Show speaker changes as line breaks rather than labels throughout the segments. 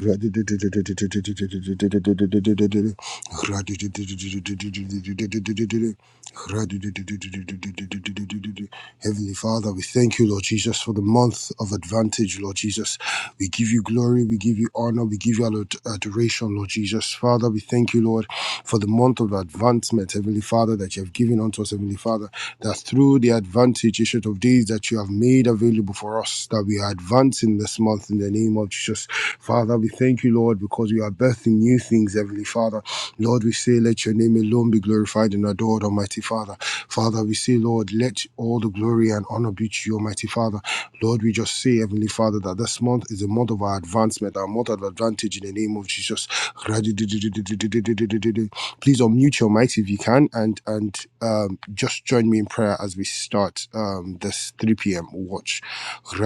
Heavenly Father, we thank you, Lord Jesus, for the month of advantage, Lord Jesus. We give you glory, we give you honor, we give you ad- adoration, Lord Jesus. Father, we thank you, Lord, for the month of advancement, Heavenly Father, that you have given unto us, Heavenly Father, that through the advantage, issue of days that you have made available for us, that we are advancing in this month in the name of Jesus. Father, we thank you, Lord, because we are birthing new things, Heavenly Father. Lord, we say, let your name alone be glorified and adored, Almighty Father. Father, we say, Lord, let all the glory and honor be to you, Almighty Father. Lord, we just say, Heavenly Father, that this month is a month of our advancement, our month of advantage in the name of Jesus please unmute your mics if you can and and um, just join me in prayer as we start um, this 3 p.m. watch. Our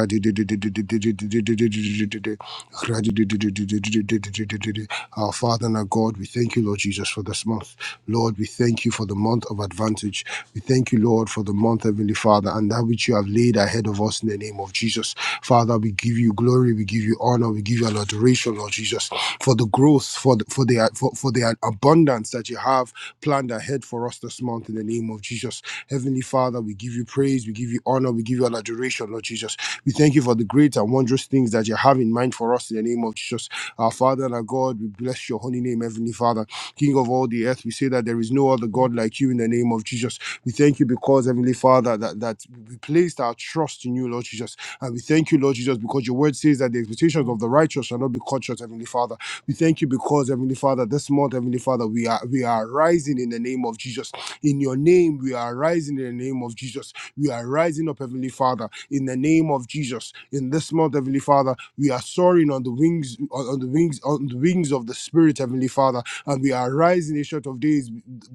Father and our God, we thank you, Lord Jesus, for this month. Lord, we thank you for the month of advantage. We thank you, Lord, for the month, Heavenly Father, and that which you have laid ahead of us in the name of Jesus. Father, we give you glory, we give you honor, we give you adoration, Lord Jesus for the growth, for the, for the for, for the abundance that you have planned ahead for us this month in the name of Jesus. Heavenly Father, we give you praise, we give you honor, we give you an adoration, Lord Jesus. We thank you for the great and wondrous things that you have in mind for us in the name of Jesus. Our Father and our God, we bless your holy name, Heavenly Father, King of all the earth. We say that there is no other God like you in the name of Jesus. We thank you because, Heavenly Father, that, that we placed our trust in you, Lord Jesus. And we thank you, Lord Jesus, because your word says that the expectations of the righteous shall not be cut short, Heavenly Father. We thank you because Heavenly Father, this month, Heavenly Father, we are we are rising in the name of Jesus. In your name, we are rising in the name of Jesus. We are rising up, Heavenly Father, in the name of Jesus. In this month, Heavenly Father, we are soaring on the wings, on on the wings, on the wings of the Spirit, Heavenly Father, and we are rising a short of days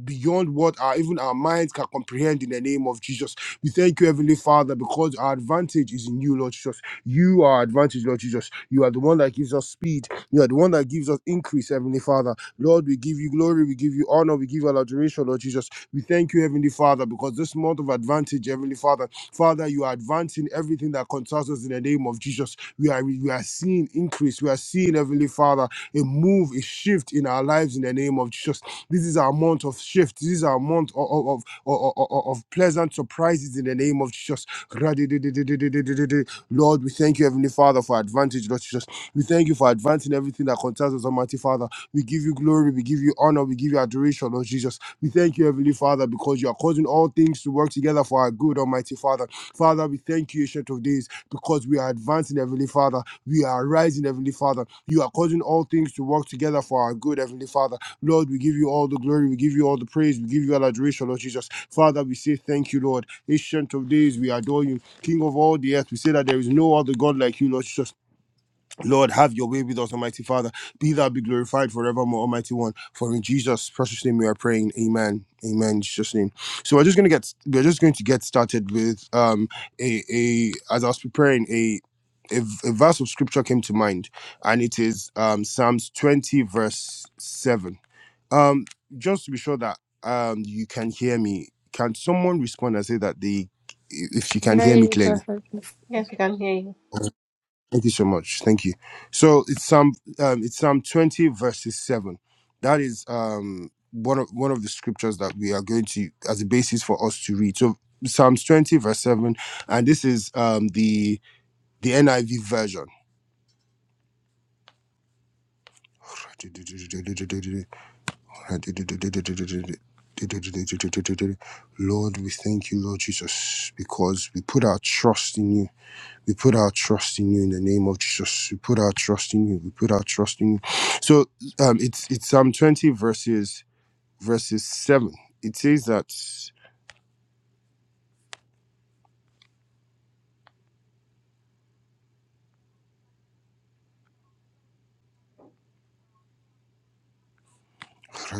beyond what our even our minds can comprehend in the name of Jesus. We thank you, Heavenly Father, because our advantage is in you, Lord Jesus. You are our advantage, Lord Jesus. You are the one that gives us speed you are the one that gives us increase, Heavenly Father. Lord, we give you glory, we give you honor, we give you all adoration, Lord Jesus. We thank you, Heavenly Father, because this month of advantage, Heavenly Father, Father, you are advancing everything that concerns us in the name of Jesus. We are we are seeing increase. We are seeing, Heavenly Father, a move, a shift in our lives in the name of Jesus. This is our month of shift. This is our month of of, of, of, of of pleasant surprises in the name of Jesus. Lord, we thank you, Heavenly Father, for advantage, Lord Jesus. We thank you for advancing everything that concerns us, Almighty Father. We give you glory, we give you honor, we give you adoration, Lord Jesus. We thank you, Heavenly Father, because you are causing all things to work together for our good, Almighty Father. Father, we thank you, Ancient of Days, because we are advancing, Heavenly Father. We are rising, Heavenly Father. You are causing all things to work together for our good, Heavenly Father. Lord, we give you all the glory, we give you all the praise, we give you all adoration, Lord Jesus. Father, we say thank you, Lord. Ancient of Days, we adore you. King of all the earth, we say that there is no other God like you, Lord Jesus. Lord, have your way with us, Almighty Father. Be thou be glorified forevermore, Almighty One. For in Jesus' precious name we are praying. Amen. Amen. In Jesus' name. So we're just gonna get we're just going to get started with um a a as I was preparing a a, a verse of scripture came to mind, and it is um Psalms 20, verse 7. Um, just to be sure that um you can hear me, can someone respond and say that they if you can hear me
Very
clearly?
perfect.
Yes, we can hear you.
Thank you so much. Thank you. So it's Psalm um, it's Psalm twenty verses seven. That is um one of one of the scriptures that we are going to as a basis for us to read. So Psalms twenty verse seven, and this is um the the NIV version. Lord, we thank you, Lord Jesus, because we put our trust in you. We put our trust in you in the name of Jesus. We put our trust in you. We put our trust in you. So um, it's it's Psalm 20 verses verses 7. It says that. So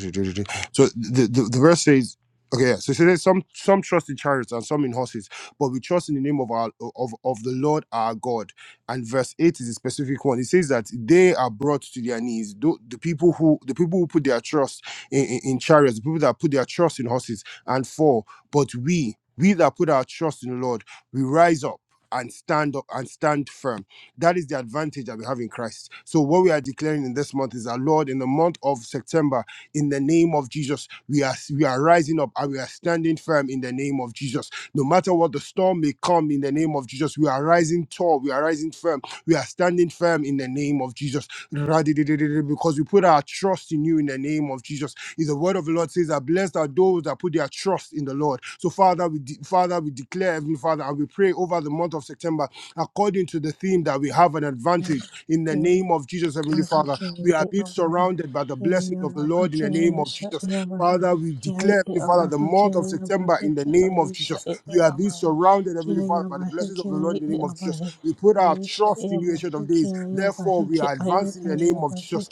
the, the, the verse says, okay, yeah, so it says some some trust in chariots and some in horses, but we trust in the name of our of, of the Lord our God. And verse eight is a specific one. It says that they are brought to their knees. Tho- The people who the people who put their trust in, in, in chariots, the people that put their trust in horses, and four, but we we that put our trust in the Lord, we rise up and stand up and stand firm. That is the advantage that we have in Christ. So what we are declaring in this month is that Lord, in the month of September in the name of Jesus. We are we are rising up and we are standing firm in the name of Jesus. No matter what the storm may come in the name of Jesus, we are rising tall, we are rising firm, we are standing firm in the name of Jesus. Ra-di-di-di-di-di, Because we put our trust in you in the name of Jesus. Is the word of the Lord says that blessed are those that put their trust in the Lord. So Father, we de- Father, we declare, Heavenly Father, and we pray over the month of September according to the theme that we have an advantage in the name of Jesus, Heavenly Father.
Kiai
We are being surrounded by the blessing of the Lord in the name of Jesus. Father, we declare, Heavenly Father, the month of September in the name of Jesus. We are being surrounded, Heavenly Father, by the blessings of the Lord in the name of Jesus. We put our trust in you, Ancient of Days. Therefore, we are advancing in the name of Jesus.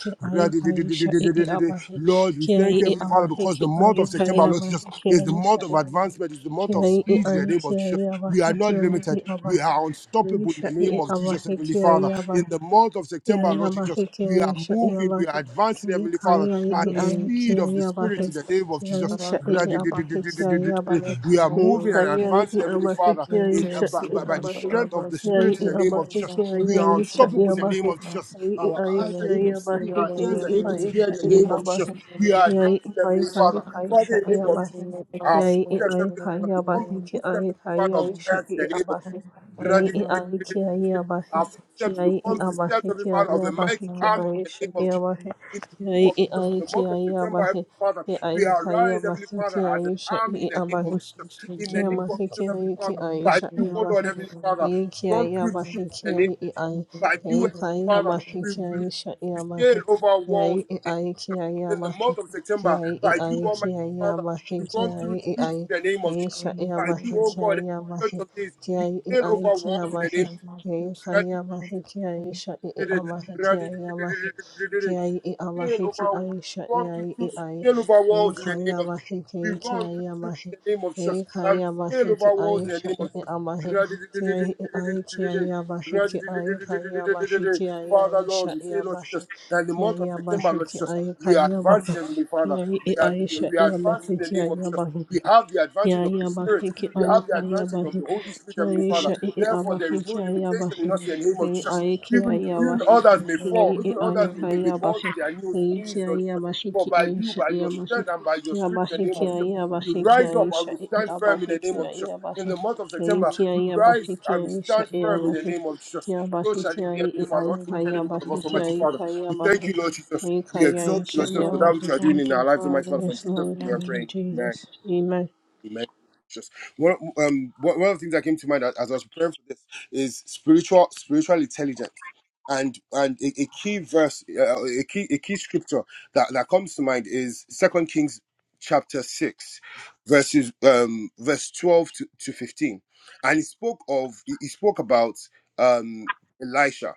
Lord, we thank you, Heavenly Father, because the month of September, Lord Jesus, is the month of advancement, is the month of speed in the name of Jesus. We are not limited. We are unstoppable
Isha
in the
e
name
e
of
awa
Jesus,
he
Heavenly
ke
Father.
aia
Father. In the month of September, Lord Jesus,
Kiriabahe,
we are
Kirisha,
moving, we are
Irabahe,
advancing, Heavenly Father,
Kirikaya,
at the
Iai,
speed of the Spirit
Kiriabahe,
in the name of Jesus.
Kirisha, Iabahe, Kiriabahe,
We are moving and
Kirikaya,
advancing, Heavenly
Iabahe,
Father, in uh,
Kirisha,
by, by, by the
Iabahe,
strength of the
Kiri,
Spirit in the name of
Iabahe,
Jesus. We are
Kirisha,
unstoppable in the name
Iabahe,
of Jesus.
Kiri,
Our
Iai,
eyes are able to see,
Kiriabahe,
our ears are
Kiri,
able to hear
Iaisha,
in the name of Jesus.
Iabahe,
We are
Kiri,
advancing,
Iai,
Heavenly
Kari,
Father. Father,
Kaisha,
in the name of
Iabahe,
Jesus, our
Kiri,
footsteps,
Iai,
Heavenly Father, become
Kariabahe,
the
Kiri,
footsteps, Heavenly Father, of
Kariaisha,
giants in the name
Iabahe, Kiri, Iai,
of Jesus. Our
Kiriabahe, Ki
footsteps
ai e
becomes the steps,
awahe,
Heavenly
ki
Father,
ai
of
e
a
awahe,
mighty
ki
army
ai
in
e
the
sha
name
e
of Jesus.
awahe,
In
ki
the name
ai
of
e
Jesus,
Very
ai,
in the
ki
month of
ai e
September,
awahe,
Heavenly Father,
ki ai
we
e kai e
arise, Heavenly
awahe,
Father,
ki ai
as an
e sha
army in
e
the name
Thank
of
awahe,
Jesus. In the name
Kiama
of
hiki
Jesus, Heavenly
ai ki
Father,
ai
by
sha
you,
i
O
awa
Lord,
he,
Heavenly Father,
Ai ki
we run
ai
through
awa
troops in the
hiki
name
ai
of
i
Jesus.
ai.
By you,
Ai
Heavenly
kai awa
Father, we,
hiki
we,
ai sha i
we
awa he,
scale over walls
Ai
in
i
the name
ai ki
of
ai
Jesus. In the
awa he,
month of
Ki
September,
ai i
by you,
ai ki
Almighty
ai
Father,
awa he,
we
Ki
run through
ai i
troops
ai.
in the name of
Ai
Jesus.
sha i
By
awa
you,
he,
O
Ki
God,
ai awa
Church
he,
of Days,
Ki
we
ai i
scale
ai
over
ki
walls in
awa
the
he,
name of
Ai
Scale
kai awa he, Ki ai sha i i awa he, Ki ai awa he, Ki ai i awa he, Ki
over we
ai sha i
run through
ai i
troops, we
ai.
scale over
Ai
walls in the
kai
name of
awa
Jesus.
he, Ki
We
ai ki
run through
ai awa
troops
he,
in the name of Jesus. And we scale
Hikayabahiki
over walls in the
Aisha
name of Jesus.
Abahi
Father,
Kiai Aikiayabahiki Aikayabahiki
Lord,
Aisha
we say, Lord
Yabahi
Jesus, that in the month of September, Lord
Kiayabahiki
Jesus, we are
Aikayabahi
advancing, Heavenly Father.
Kiai
We are,
Aisha
we are advancing in
Yabahiki
the name of Jesus.
Yabahi
We have the
Kia
advantage of the
ia
Spirit.
mahi ki
We
ai
have the
ka ia
advantage of
mahi
the Holy Spirit,
ki
Heavenly
ai
Father.
sha i i a
Therefore, there
mahi
is no
ki ai a
limitation
mahi
in us in the name
ki
of
ai
Jesus.
ai ki
Even,
ai a
even
mahi
others may
ki
fall,
ai i
even
ai
others
ka
may, may, may
ia
fall to
mahi ki
their knees,
ai ki
knees, Lord Jesus. For
ki
by
ai
you,
sha
by
i
your
a mahi
strength and by your
ki a
spirit, in
mahi
the name of
ki ai
Jesus.
a
We
mahi ki
rise up
ai
and
sha
we
i i
stand
a
firm in
mahi
the name
ki
of
ai
Jesus.
a
In
mahi
the month of
ki ai
September,
ki
we
ai a
rise
mahi ki
and we
ai sha
stand
i a
firm in the
mahi
name of Jesus.
ki a
So
mahi
shall
ki
it be,
ai
Heavenly
i ai
Father. Unto each
ka
and
ia
every one of
mahi
us,
ki
Almighty
ai
Father.
ka ia
We thank you,
mahi
Lord
ki
Jesus.
ai
We exalt you,
you,
Lord Jesus, for that
Lord.
which you are doing
Thank
in our
you,
lives, Almighty
Father.
Father. For in
Yes,
Jesus'
Lord,
name we are
thank
Amen.
you,
praying. Amen.
Jesus. Amen.
Amen. Just one, um, one one of the things that came to mind as as I was preparing for this is spiritual spiritual intelligence and and a, a key verse uh, a key a key scripture that that comes to mind is second kings chapter 6 verses um verse 12 to, to 15 and he spoke of he he spoke about um elisha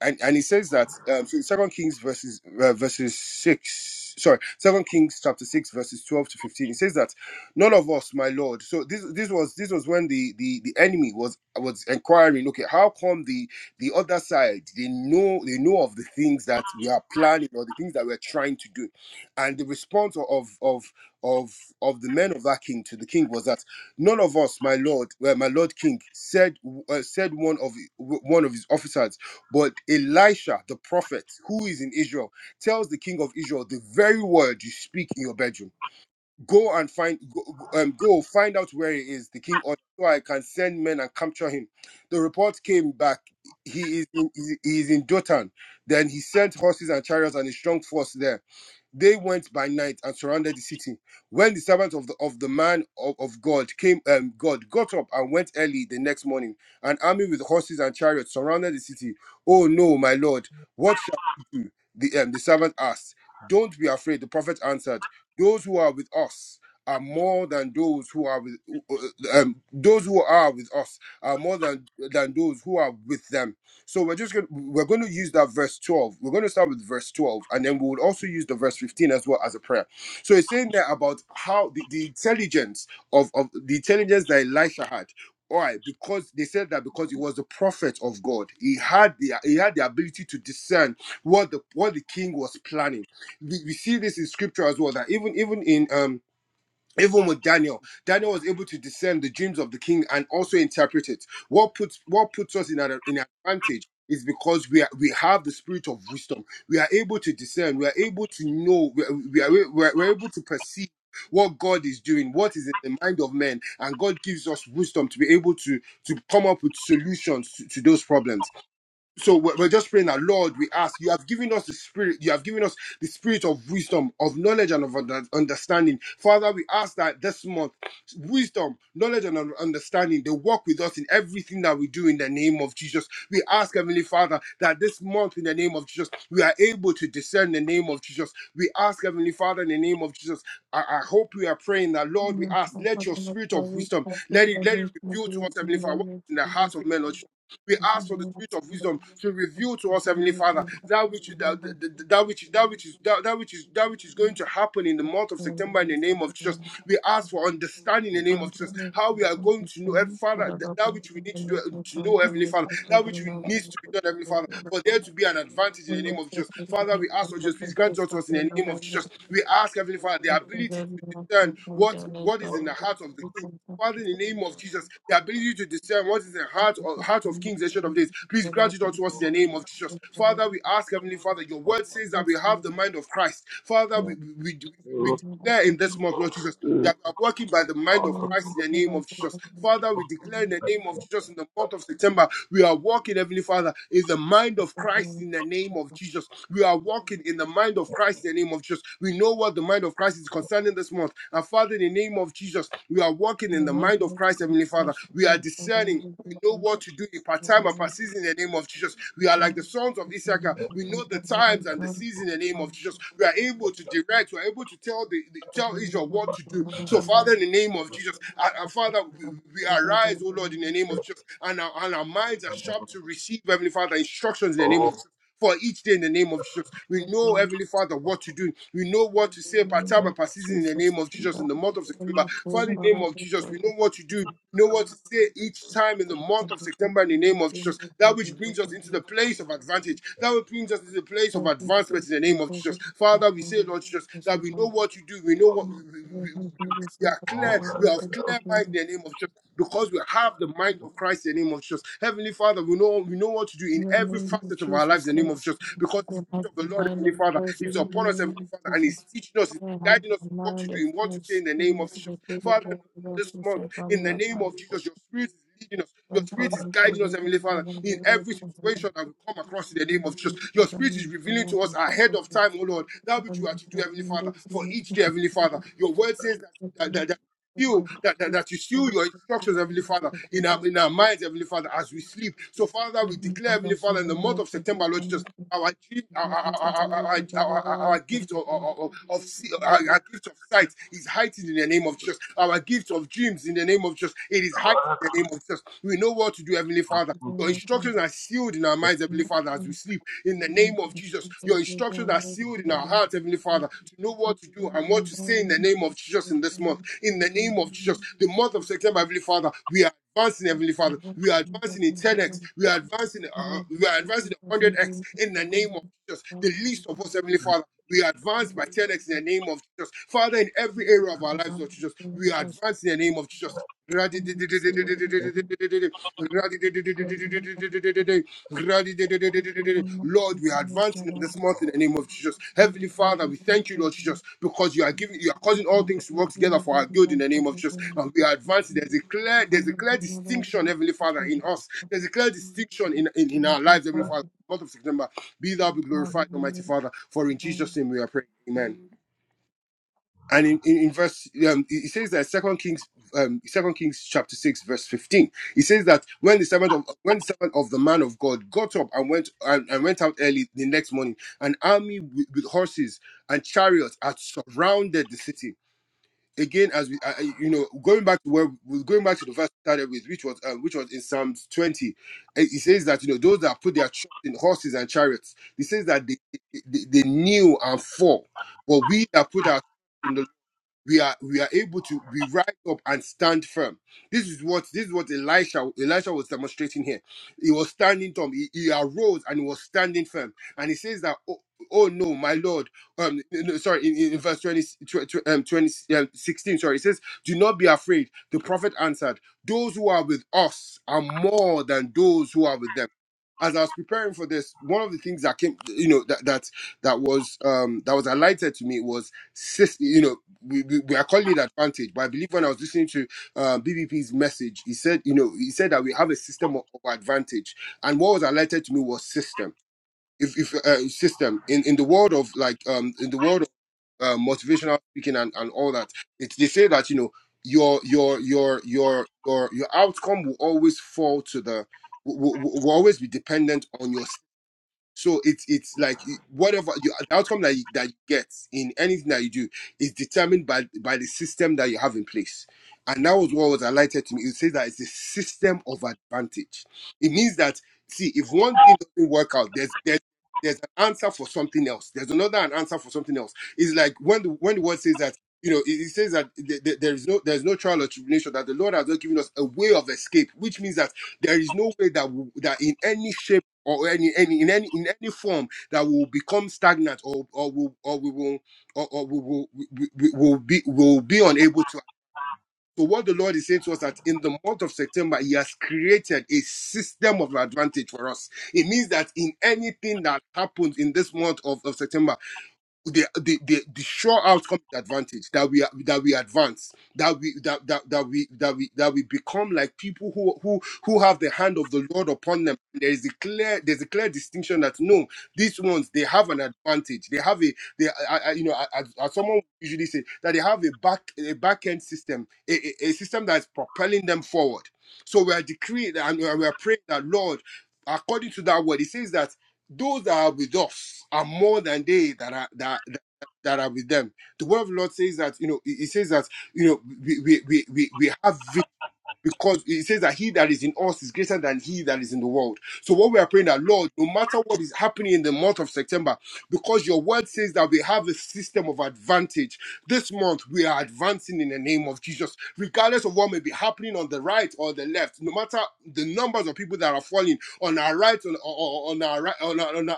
and, and he says that um, so Second Kings verses uh, verses six. Sorry, Second Kings chapter six verses twelve to fifteen. He says that none of us, my lord. So this this was this was when the the the enemy was was inquiring. Okay, how come the the other side they know they know of the things that we are planning or the things that we're trying to do, and the response of of of of the men of that king to the king was that none of us, my lord, well, my lord king, said uh, said one of one of his officers but Elisha, the prophet who is in Israel, tells the king of Israel the very word you speak in your bedroom. Go and find, go, um, go find out where he is. The king, ordered, so I can send men and capture him. The report came back. He is in, he is in Dotan. Then he sent horses and chariots and a strong force there. They went by night and surrounded the city. When the servant of the of the man of, of God came, um, God got up and went early the next morning. An army with horses and chariots surrounded the city. Oh no, my lord, what shall we do? The um, the servant asked. Don't be afraid. The prophet answered. Those who are with us are more than those who are with uh, um, those who are with us are more than than those who are with them so we're just going to we're going to use that verse 12. We're going to start with verse 12 and then we would also use the verse 15 as well as a prayer. So it's saying there about how the, the intelligence of, of the intelligence that Elisha had. All right, because they said that because he was the prophet of God, he had the he had the ability to discern what the what the king was planning. We, we see this in scripture as well that even even in um even with Daniel, Daniel was able to discern the dreams of the king and also interpret it. What puts what puts us in an in an advantage is because we are, we have the spirit of wisdom. We are able to discern. We are able to know. We are, we are, we are we're able to perceive what God is doing, what is in the mind of men, and God gives us wisdom to be able to to come up with solutions to, to those problems so we're we're just praying that lord we ask you have given us the spirit you have given us the spirit of wisdom of knowledge and of under- understanding father we ask that this month wisdom knowledge and un- understanding they walk with us in everything that we do in the name of jesus we ask heavenly father that this month in the name of jesus we are able to discern the name of jesus we ask heavenly father in the name of jesus i, I hope we are praying that lord we
Yeah,
ask
I
let
thought
your
I looked
spirit of
forward
wisdom
to it,
let it
but
let it
there's no
reveal to us
good in the
heavenly father
world. It's
in the heart
just-
of men Lord we
it's
ask for the
something
spirit of
else.
wisdom to reveal
Thank
to us, Heavenly Father, that which that, that, that which that which is that, that which is that which is going to happen in the month of September in the name of Jesus. We ask for understanding in the name of Jesus how we are going to know, Heavenly Father, th- that which we need to do uh, to know, Heavenly Father, that which we needs to be done, Heavenly Father, for there to be an advantage in the name of Jesus. Father, we ask, oh Jesus, please grant unto us in the name of Jesus. We ask, Heavenly Father, the ability to discern what what is in the heart of the king Father, in the name of Jesus, the ability to discern what is the heart or heart of kings and short of days. Please grant it unto us in the name of Jesus. Father, we ask, Heavenly Father, your word says that we have the mind of Christ. Father, we we, we we
Yeah.
declare in this month, Lord Jesus that we are working by the mind of Christ in the name of Jesus. Father, we declare in
you.
the name of Jesus in the month of September, we are walking, Heavenly Father, in the
Jesus,
mind of Christ in the name of Jesus. We are walking in the mind of Christ in the name of Jesus. We know what the mind of Christ is concerning this month. And Father, in the name of Jesus, we are walking in the mind of Christ, Heavenly Father. We are discerning. We know what to do in part time and part season in the name of Jesus. We are like the sons of Issachar. We know the times and the season in the name of Jesus. We are able to direct. We are able to tell the, the- tell Israel what to do. So, Father, in the name of Jesus, uh, uh, Father, we, we arise, O Lord, in the name of Jesus, and our, and our minds are sharp to receive Heavenly Father instructions in the name of Jesus for each day in the name of Jesus. We know, Heavenly Father, what to do. We know what to say per time and per season in the name of Jesus in the month of September. Father, in the name of Jesus, we know what to do know what to say each time in the month of September in the name of Jesus. That which brings us into the place of advantage. That which brings us into the place of advancement in the name of Jesus. Father, we say, Lord Jesus, that we know what you do. We know what we,
Lord,
we, we,
I
we-
thank
we
you
are
for the
clear.
power
We
of
have clear mind
thanksgiving.
in the name of Jesus. Because we have the mind of Christ in the name of Jesus. Heavenly Father, we know we know what to do in
In the
every
name of
facet of our lives
Jesus
in the name of
Christ,
Jesus. Because the
I have
Spirit of
the
the Lord,
mind
Heavenly
of
Father,
Christ
is
in
upon
the
us,
name
Heavenly
of
Father, and is
Jesus.
teaching us, is
I have
guiding us in
the
what to
mind
do,
of
in what to say in
Christ.
the name of
Please
Jesus.
make me the
Father,
Lord of
this
the
month. In the
Savior of
name
God.
of Jesus, your spirit is leading us. Your
And I
spirit is
will
guiding us,
forgive the
Heavenly Father,
Lord of the
in
Lord
every
of the
situation
Lord.
that we come across in the name of
And I will
Jesus. Your
forgive the
spirit
Lord
is
of the
revealing
Lord
to us
of the
ahead
Lord.
of time, oh Lord,
And I
that
will forgive the
which you
Lord of
are to do, Heavenly Father, for each day, Heavenly Father. Your word says that, that, that that you that, that, that you
the
seal your instructions, Heavenly
Lord
Father,
of
in
the Lord.
our in our minds, Heavenly Father, as we sleep. So, Father,
Thank
we
you.
declare, Heavenly Father, in the month of September, Lord Jesus, our dream, our, our, our, our, our gift of, of, of see- our, our gift of sight is heightened in the name of Jesus. Our gift of dreams in the name of Jesus, it is heightened in the name of Jesus. We know what to do, Heavenly Father. Your instructions are sealed in our minds, Heavenly Father, as we sleep. In the name of Jesus, your instructions are sealed in our hearts, Heavenly Father, to know what to do and what to say in the name of Jesus in this month. In the name of Jesus, the month of September, Heavenly Father, we are advancing, Heavenly Father. We are advancing in 10x. We are advancing. Uh, uh, we are advancing in 100x in the name of Jesus. The least of us, Heavenly Father. We are advanced by 10x in the name of Jesus. Father, in every area of our lives, Lord Jesus, we are advancing in the name of Jesus. Lord, we are advancing in this month in the name of Jesus. Heavenly Father, we thank you, Lord Jesus, because you are giving, you are causing all things to
Martina
work together for our good in the name of Jesus. And we are advancing. There's a clear, there's a clear distinction, Heavenly Father, in us. There's a clear distinction in in, in our lives, Heavenly Father. Month of September, be thou be glorified, Almighty Father. For in Jesus' name we are praying. Amen and in, in, in verse um, it says that second kings um second kings chapter 6 verse 15 it says that when the servant of when the servant of the man of god got up and went and, and went out early the next morning an army with, with horses and chariots had surrounded the city again as we uh, uh, you know going back to where we're going back to the verse we started with which was uh, which was in psalms 20 it it says that you know those that put their trust in horses and chariots it says that they they, they kneel and fall but we that put our trust in the we are we are able to we rise up and stand firm. This is what this is what Elisha Elisha was demonstrating here. He was standing firm. He, he arose and he was standing firm. And he says that oh, oh no, my Lord. Um, no, no, sorry, in, in verse 20, tw- tw- um, 20 um, 16, sorry, it says, "Do not be afraid." The prophet answered, "Those who are with us are more than those who are with them." As I was preparing for this, one of the things that came, you know, that that that was um that was highlighted to me was sis- you know we, we, we- I call it advantage, but I believe when I was listening to uh, BBP's message, he said, you know, he said that we have a system of, of advantage, and what was highlighted to me was system. If, if uh, system in in the world of like um in the world of uh, motivational speaking and, and all that, it's they say that you know your your your your your your outcome will always fall to the will, will will always be dependent on your so it's it's like whatever you, the outcome that you, that you get in anything that you do is determined by by the system that you have in place. And that was what was highlighted to me. It says that it's a system of advantage. It means that see if one thing doesn't work out, there's there's there's an answer for something else. There's another an answer for something else. It's like when the when the word says that you know it, it says that th- th- there is no there is no trial or tribulation that the Lord has not given us a way of escape, which means that there is no way that we, that in any shape or any, any in any in any form that will become stagnant or or will or we will or, or we will we, we we will be will be unable to so what the lord is saying to us that in the month of september he has created a system of advantage for us it means that in anything that happens in this month of, of september the the the, the sure outcome is advantage that we are that we advance that we that, that that we that we that we become like people who who who have the hand of the lord upon them there is a clear there's a clear distinction that no these ones they have an advantage they have a they I, I, you know I- as, as someone usually say that they have a back a back end system a, a, a system that is propelling them forward so we are decreeing and we are praying that lord according to that word it says that those that are with us are more than they that are that that, that are with them. The word of the Lord says that you know it it says that you know we we we, we we have victory because it says that he that is in us is greater than he that is in the world. So what we are praying that Lord, no matter what is happening in the month of September, because your word says that we have a system of advantage. This month we are advancing in the name of Jesus, regardless of what may be happening on the right or the left. No matter the numbers of people that are falling on our right, on, on, on our right, on, our- on, our,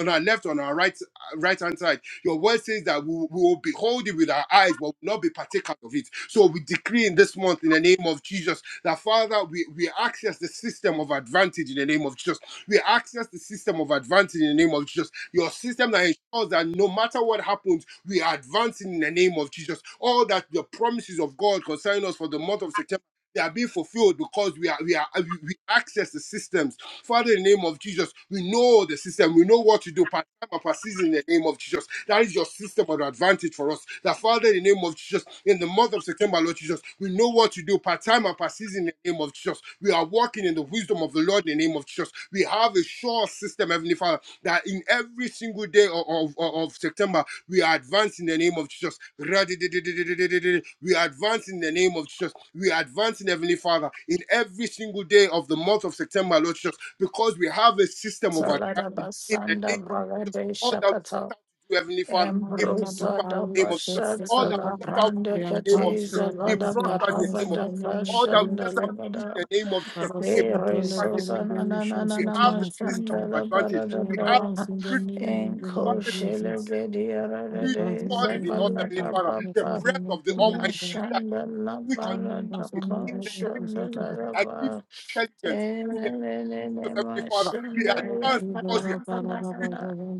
on our left, on our right, right hand side your word says that we, we will behold it with our eyes, but will not be partakers of it. So we decree in this month, in the name of Jesus, that Father, we, we access the system of advantage in the name of Jesus. We access the system of advantage in the name of Jesus. Your system that ensures that no matter what happens, we are advancing in the name of Jesus. All that the promises of God concerning us for the month of September. They are being fulfilled because we are we are we we access the systems. Father, in the name of Jesus, we know the system. We know what to do. Part time and part season in the name of Jesus. That is your system of advantage for us. That Father, in the name of Jesus, in the month of September, Lord Jesus, we know what to do part time and part season in the name of Jesus. We are walking in the wisdom of the Lord in the name of Jesus. We have a sure system, Heavenly Father, that in every single day of, of, of September, we are advancing in the name of Jesus. We are advancing in the name of Jesus. We are advancing, Heavenly Father, in every single day of the month of September, Lord Jesus, because we have a system of advantage. In the name all that we set out to do, Heavenly Father, it
de
prospers in the name
Paris
of Jesus.
says that
All
we
that we set out to do in the name of
advance, we
Jesus, it
advance, we
prospers in the
advance
name
in
of
the
Jesus.
name of
All
the
that
Lord
we set out to
Jesus.
do in the name of Jesus, it
Rasim Tele
prospers in the name of Jesus.
Balado shows
We
that
have
in
the
a few
system
times.
of advantage.
We
We have the
advance in the
spirit
name of the
of
Lord
advantage.
Jesus.
The
We
spirit of
present
God is
this
in us,
name of the
Heavenly
Lord
Father. The
Jesus
breath
and the
of the
Father
Almighty
of God.
that we understanding
And we
in
present
the
the
name
Lord
of
Jesus.
that gives us intelligence. In the name of Jesus, Heavenly Father, we advance
Thank
because we have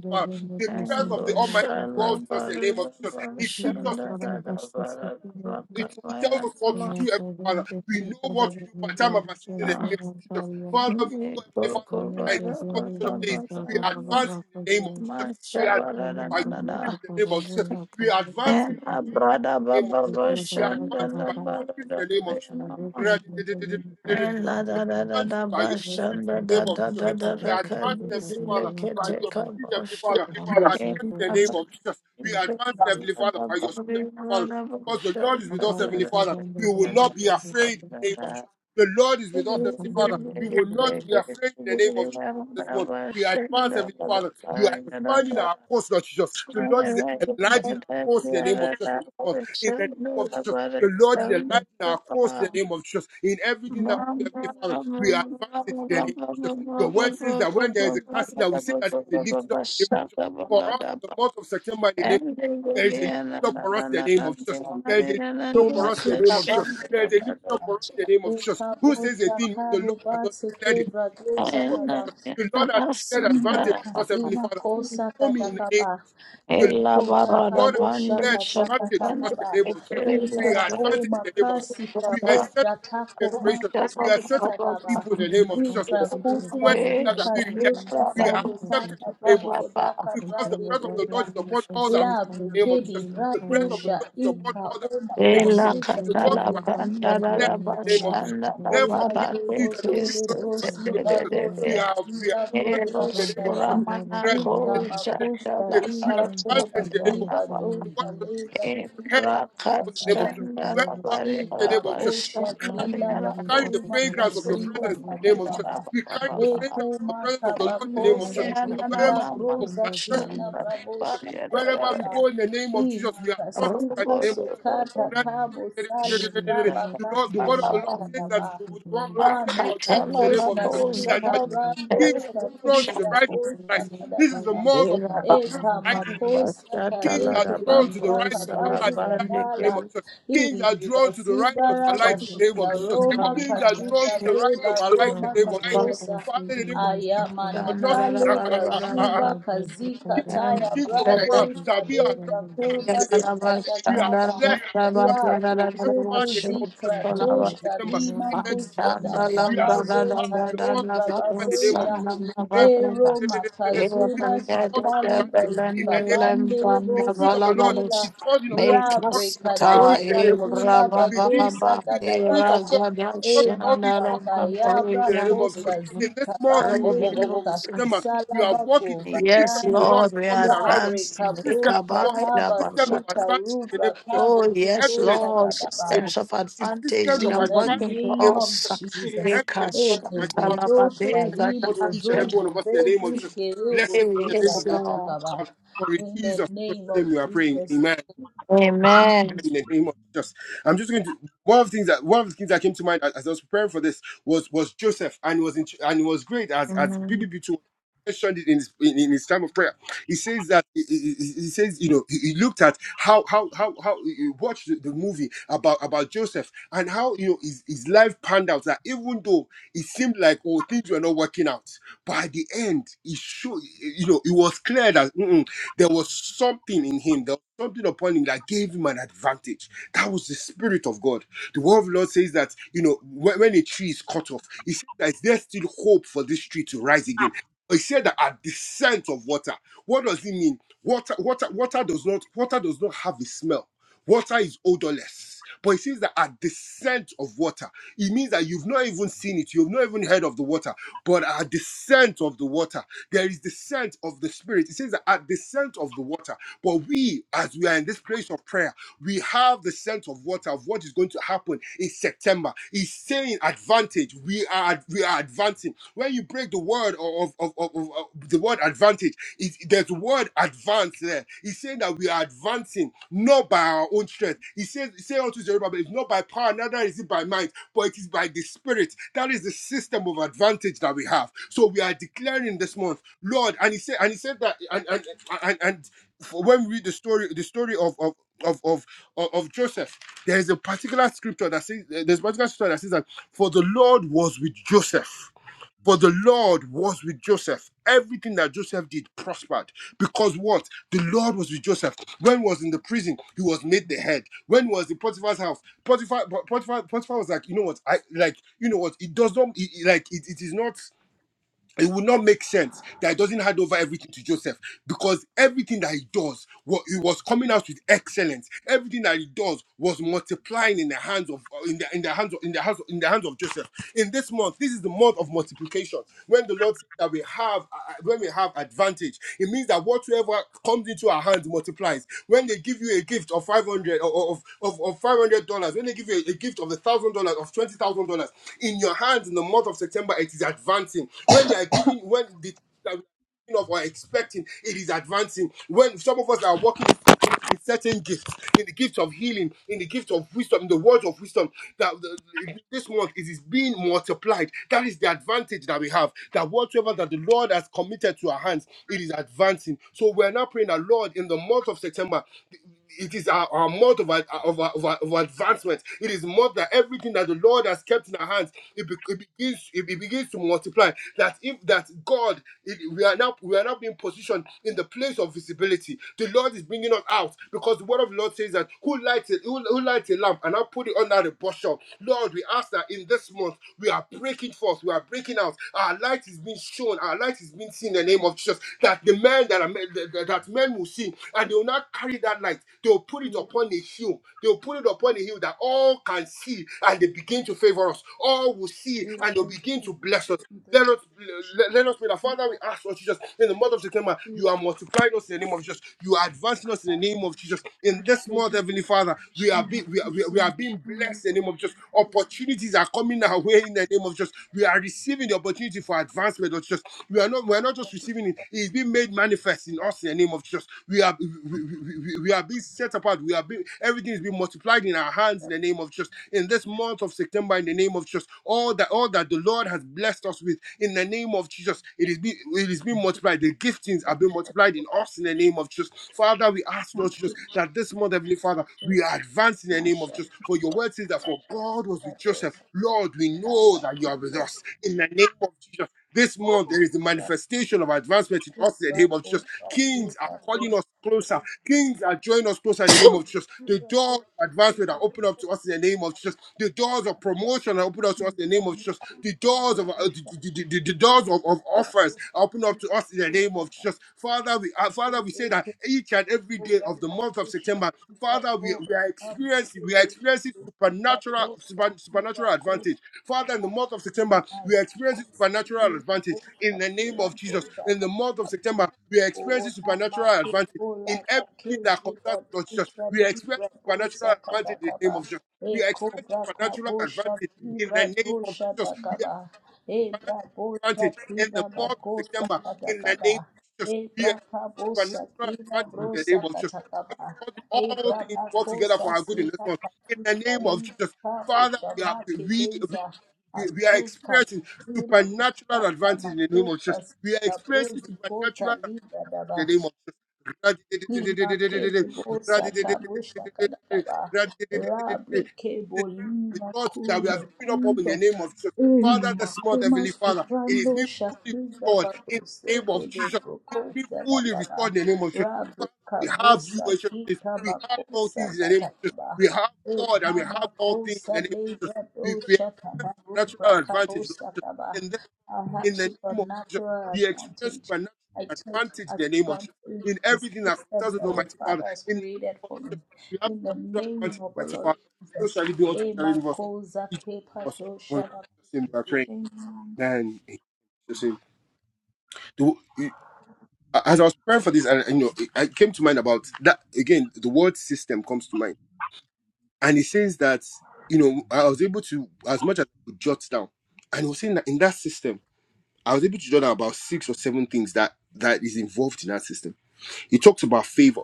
Father. The breath of the Almighty dwells in us in the name of Jesus. It gives us intelligence, Heavenly Father. It, it tells us what to do, Heavenly Father. We know what to do by time of our season in the name of Jesus. Father, we know, Heavenly Father, that in this condition of days, we advance in the name of Jesus. We advance by your spirit in the name of Jesus. We advance by your spirit in the name of Jesus. We advance by your spirit in the name of Jesus. We advance by your the name of Jesus. We advance, Heavenly Father, by your
you.
spirit, Heavenly Father. We
Thank
advance in the name
you.
of Jesus. We advance, Heavenly Father, by your spirit, Heavenly Father. Because the Lord is with us, Heavenly Father. We will not be afraid in the name of Jesus. The Lord is with us, Heavenly Father. We will not be afraid in the name of Jesus this month. We advance, Heavenly Father. You are expanding our course, Lord Jesus. The Lord is enlarging our course in the name of Jesus this month. In the name of Jesus, the Lord is the light in our course in the name of Jesus. In everything that we do, Heavenly Father, we advance it in the name of Jesus. Your word says that when there is a casting down, we say that there is a lifting up in the name of Jesus. For us in the month of September, in the name of Jesus, there is a lifting up for us in the name of Jesus. There is a lifting
ke
up for us in the
masuka
name of Jesus.
bandu
There is a lifting up for us in the name
e
of Jesus.
kabo
Who says a thing when the
chakaru
Lord has not
base
declared it? In the name of
kaba
Jesus, the Lord has declared advantage for us, Heavenly
Makasima
Father.
kosa
Show me in the name
katakaba.
of Jesus. The Lord,
Ukobra
has- the Lord has
kabosha
declared
kasa
advantage for us in
katakaba.
the name of Jesus. We
Ikra
are
o
advancing in the name of Jesus.
makasi ka
We are set
osha
apart
tako
generation.
mako
We are set apart
katakaba.
people in the name of Jesus.
Ikra
That even
kosa
when others are
sika
being rejected,
osha
we are accepted
sakutaka
in the name of
brako
Jesus.
daka
Because the
brabe
breath of the Lord
deda.
is upon all that we do in
Labre
the name of
kedi
Jesus. The breath of the
bradosha
Lord is upon
ika
all that
o
we do in the name of Jesus.
makasika
The works of
brade
our hands are blessed in the name
ibra
of Jesus. Therefore, men will see
Imazuzo
that they will give
kele
glory to God in
telebrosi
the name of Jesus. We
karosa
are, we are
kila
advancing
broza
in the name of
makada.
Jesus.
Ika makusta
We are
libra
advancing
koba
in the name of
kiba
Jesus. We
dosha
want to not things
libra
that we are the head
kubra
and not the tail in the name of
kabasada.
Jesus. Wherever we go in the name of
Babo
Jesus, we
Thank
carry,
Shakila
we carry the
Bakuma
fragrance of your
Kasiba
presence in the name of Jesus.
Katakaba
We carry the fragrance of the
Ekuma
presence of the Lord in the name
Kabako
of Jesus. That wherever
Sakila
we go, we
Broza
are set
Kila
apart in the name
Bravo
of Jesus. Wherever we
Shakatakaba
go in the name of Jesus,
Ima
we are sought after in
Kasika
the name of Jesus.
Sukata Kabo Sali Braba
The Lord, the
Kabo
word of the Lord says that
Shatakaba
the word of the Lord says
Rame
concerning us in the name
Katos
of Jesus that, that,
Kasika
that that
Brando
kings shall be drawn to the
Shakila
rising
Bo
of our lives. This is the
Shakadakaba
month of, of us
Eka
rising in the name of Jesus.
makosa
Kings are
kadeke
drawn to the
libra
rising of our
kapazi
light, light in the name of
kadala.
Jesus. Kings
Ili
are drawn to the rising of our
bazibara
light in the name
bashika
of Jesus.
Roma
Kings are drawn to
katika
the rising of
deba
our light in
Roma
the name of Jesus.
katosa.
Father, in the name of Jesus, our nothing, uh,
Ayamanakale
uh, uh, uh, uh,
brazuba
the
kazika
kings the
taya
kings from afar
brado
shall be our
sadebra
nothing,
you.
Father, in
kurba
the name of Jesus.
sakada
We are
gaba.
blessed, Heavenly Father.
Ya
We are set apart
brekebu
in the name of
Amen.
Jesus
zikra
in the month of
toshka
September.
lima
In the name of
kusta
Jesus,
gata
we are set
bazo
apart in the month of
talebra
September in the name of
bazeta.
Jesus.
Ero
This
makazuda
is our month of
shakali
advantage in
bazuka
the name of Jesus.
bandere
The
bo
Spirit of the Lord is
sakila
causing all things to work
rabre
together for our
kado
good in the name of Jesus.
sakila
The, thing,
badosa
the, the Spirit
gadagaba
of God is
e
causing all things to work together for our good
makakayabra
in the name of
kosta
Jesus. In this
zika
month of,
bande
of, of, of of
ika
September,
kisala
we are working.
bako
The system of the
bayana
Lord is coming around us.
rabre
The system
kabo
of God,
shakaba
the system of
sika
advantage in the
rubra
name of Jesus.
kabo
Evident
shikoza
in the
gadaba
name of Jesus. The system of
in the
advantage in the
name
name of
of
Jesus. It is
Jesus.
evident in us, Almighty Father.
Enegedosh
So shall it be unto
karibro
each and every one
zozo
of us in the name of
vedush
Jesus.
kerebo
Blessed be the
soza
name of the Lord Almighty
katakaba.
Father. For in
In the
Jesus' precious
name of
name we are praying.
Jesus.
Amen. In the name of Jesus. I'm just going to one of the things that one of the things that came to mind as, as I was preparing for this was was Joseph and it was in, and it was great as as BBB2 mentioned it in his, in, in his time of prayer. He says that he, he- he- says you know he, he looked at how how how how he watched the, the movie about about Joseph and how you know his, his life panned out that even though it seemed like oh things were not working out by the end, it showed, you know, it was clear that there was something in him, there was something upon him that gave him an advantage. That was the Spirit of God. The Word of the Lord says that, you know, when, when a tree is cut off, he says that is there still hope for this tree to rise again. He said that at the scent of water. What does it mean? Water, water, water does not water does not have a smell. Water is odorless. But it says that at the scent of water, it means that you've not even seen it, you've not even heard of the water, but at the scent of the water there is descent of the Spirit. It says that at the scent of the water, but we, as we are in this place of prayer, we have the scent of water of what is going to happen in September. It's saying advantage. We are we are advancing. When you break the word of, of, of, of- of the word advantage, it, there's the word advance there. It's saying that we are advancing not by our own strength. He says, say unto Zerubbabel, it's not by power, neither is it by might, but it is by the Spirit. That is the system of advantage that we have. So we are declaring this month, Lord, and he said, and he said that, and and and, and for when we read the story, the story of of of of of Joseph, there is a particular scripture that says there's a particular scripture that says that for the Lord was with Joseph for the Lord was with Joseph. Everything that Joseph did prospered. Because what? The Lord was with Joseph. When he was in the prison, he was made the head. When he was in Potiphar's house, Potiphar, Potiphar, Potiphar was like, you know what? I like, you know what? It does not, it, it- like, it, it is not, it would not make sense that it doesn't hand over everything to Joseph because everything that he does, what he was coming out with excellence. Everything that he does was multiplying in the hands of uh, in the in the hands of in the hands of, in the hands of Joseph. In this month, this is the month of multiplication. When the Lord says that we have uh, uh, when we have advantage, it means that whatsoever comes into our hands multiplies. When they give you a gift of five hundred or of of, of five hundred dollars, when they give you a, a gift of a thousand dollars of twenty thousand dollars in your hands in the month of September, it is advancing. When they are giving when the of or expecting, it is advancing. When some of us are walking in certain gifts, in the gift of healing, in the gift of wisdom, in the word of wisdom, that the- the- this month it is being multiplied. That is the advantage that we have. That whatsoever that the Lord has committed to our hands, it is advancing. So we are now praying that Lord, in the month of September it is our, our month of, ad- of, our, of, our, of advancement. It is month that everything that the Lord has kept in our hands, it, be, it begins it, be- begins to multiply. That if that God, it, we are now we are now being positioned in the place of visibility. The Lord is bringing us out because the word of the Lord says that who lights it, who, who lights a lamp and I put it under the bushel. Lord, we ask that in this month we are breaking forth, we are breaking out. Our light is being shown, our light is being seen in the name of Jesus. That the men that are that, that that men will see, and they will not carry that light. They will put it upon a hill. They will put it upon a hill that all can see, and they begin to favor us. All will see,
we
and they'll
thank
begin
you
to
for
bless us.
sharing the
Let us let, let us pray that Father, we ask Lord Jesus in the month of September, you
good
are multiplying us in the name of Jesus. You are advancing us in
that
the name of Jesus. In this month, Heavenly Father, we
Jesus in
are being we are, we are we are
the
being blessed in the name of Jesus. Opportunities are coming our way in the name of Jesus. We are receiving the opportunity for advancement, Lord Jesus. We are not we are not just receiving receiving it. It's being made manifest in us in the name of Jesus. We are we, we, we we are being set apart. We are being everything is being multiplied in our hands in the name of Jesus. In this month of September, in the name of Jesus, all that all that the Lord has blessed us with in the name of Jesus, it is being it is being multiplied. The giftings are being multiplied in us in the name of Jesus. Father, we ask Lord Jesus
country
that this month, Heavenly Father, we are advancing in the name of Jesus. For your word says that for God was with Joseph.
of
Lord, we
that
know that you are with us in the name of Jesus. This month, there is the manifestation of advancement in us in the name of Jesus. Kings are calling us closer. Kings are drawing us closer in the name of Jesus. The doors of advancement are open up to us in the name of Jesus. The doors of promotion are open up to us in the name of Jesus. The doors of uh, the, the, the, the- the doors of, of offers are open up to us in the name of Jesus. Father, we uh,
Thank
Father, we say that each and every day of the month of September, Father, we, we are experiencing we are experiencing supernatural super, supernatural advantage Father, in the month of September, we are experiencing supernatural advantage in the name of Jesus. In the month of
you.
September, we are
O
experiencing supernatural
namake
advantage
kola
in everything that
kakezu
concerns us, Lord Jesus.
batusha
We are experiencing
libra bosa
supernatural advantage in the
takakaba.
name of Jesus.
E
We are experiencing
kobra
supernatural
kabosha
advantage in
libra
the name of
dosha
Jesus. We are
takaba.
experiencing
E bra
supernatural
bosha
advantage in
kida
the month of
bakosa
September in the
katakaba.
name of Jesus.
E
We
bra
are experiencing
kabosa
supernatural
kida
advantage in the
brosa
name of Jesus.
katakaba.
God is causing
E
all
bra
things to work together
bakosa
for our good in this
sika
month. In the
kakuska
name of Jesus.
libra
Father,
osha
we are
make
we, we
deza.
we, we are
Asuka
experiencing
kila
supernatural
kushata
advantage in the name of
makuta
Jesus. We are experiencing
Kabruzi kota
supernatural
liga
advantage
daba.
in the name of Jesus.
Lima kele bosa kabusha kadaba. Rabre kebo
We
lima
thought that we
kuma
have given up on in the
kuza.
name of Jesus.
Eni
Father, the small
makuma
heavenly Father, it is
suprando
being fully
shakuza
restored in
babose
the name of
de
Jesus. It is being
brokoza
fully
kadaba.
restored in the name of Jesus.
Rabre
Father, we have you,
kabosa
as your place.
kika
we have all
makosa
things in the name of Jesus.
kadaba.
We have God
Eka
and we have all things
makosa
in the name of
lebra
Jesus
dosha kadabra
supernatural advantage Lord
kabosa
Jesus.
kaba.
in this
I
in
have
the name of Jesus.
supernatural
We experience
advantage.
supernatural
I take
advantage in the name of Jesus.
advantage
In
of the
everything that
systems
concerns us,
that the
Almighty Father,
Father has
in the
created
name of
for me.
Jesus, we have
In the
supernatural
name
advantage,
of the
Almighty
Lord
Father. So
Jesus.
shall it be unto each and
Ema
every one of us.
koza
Each and every one
kepa
of us. For in
dosha la-
Jesus' name we are praying.
Amen.
Amen. In Jesus' name. The- you- As I was praying for this, and you know, it- I came to mind about that again. The word system comes to mind, and it says that you know I was able to as much as I could jot down, and it was saying that in that system. I was able to draw down about six or seven things that that is involved in that system. It talks about favor.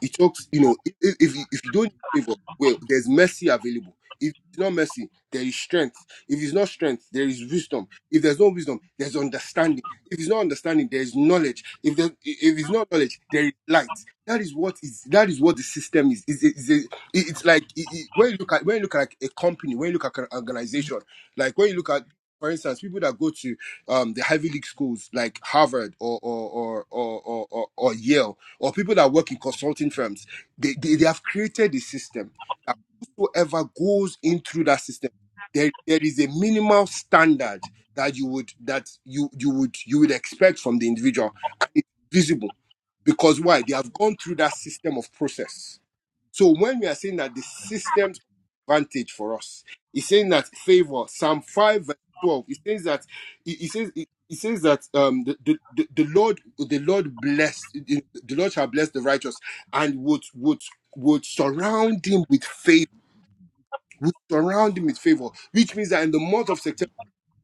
He talks, you know, if if you, if you don't need favor, well, there's mercy available. If it's not mercy, there is strength. If it's not strength, there is wisdom. If there's no wisdom, there's understanding. If it's not understanding, there is knowledge. If there, if it's not knowledge, there is light. That is what is that is what the system is. It's, it's, it's it's like it, it- when you look at when you look at like a company, when you look at an organization, like when you look at for instance, people that go to um, the Ivy League schools like Harvard or or or or, or, or, or Yale, or people that work in consulting firms, they, they, they have created a system that whoever goes in through that system, there, there is a minimal standard that you would that you you would you would expect from the individual. And it's visible. Because why? They have gone through that system of process. So when we are saying that the system's advantage for us, it's saying that favor, Psalm 5 verse 12, it says that it, it says it, it says that um the, the, the the Lord the Lord bless the Lord shall bless the righteous and would would would surround him with favor. Would surround him with favor, which means that in the month of September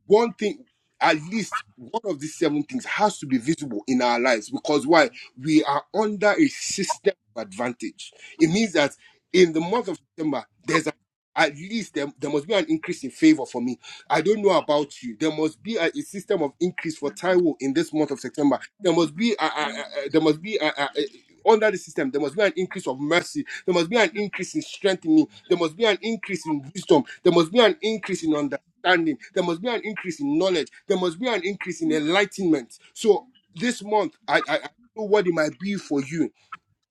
one thing at least one of these seven things has to be visible in our lives because why we are under a system of advantage it means that in the month of september there's a, at least there, there must be an increase in favor for me i don't know about you there must be a, a system of increase for taiwo in this month of september there must be a, a, a, a- there must be a, a, a- under the system, there must be an increase of mercy. There must be an increase in strength in me. There must be an increase in wisdom. There must be an increase in understanding understanding. There must be an increase in knowledge. There must be an increase in enlightenment. So this month, I, I, I don't know what it might be for you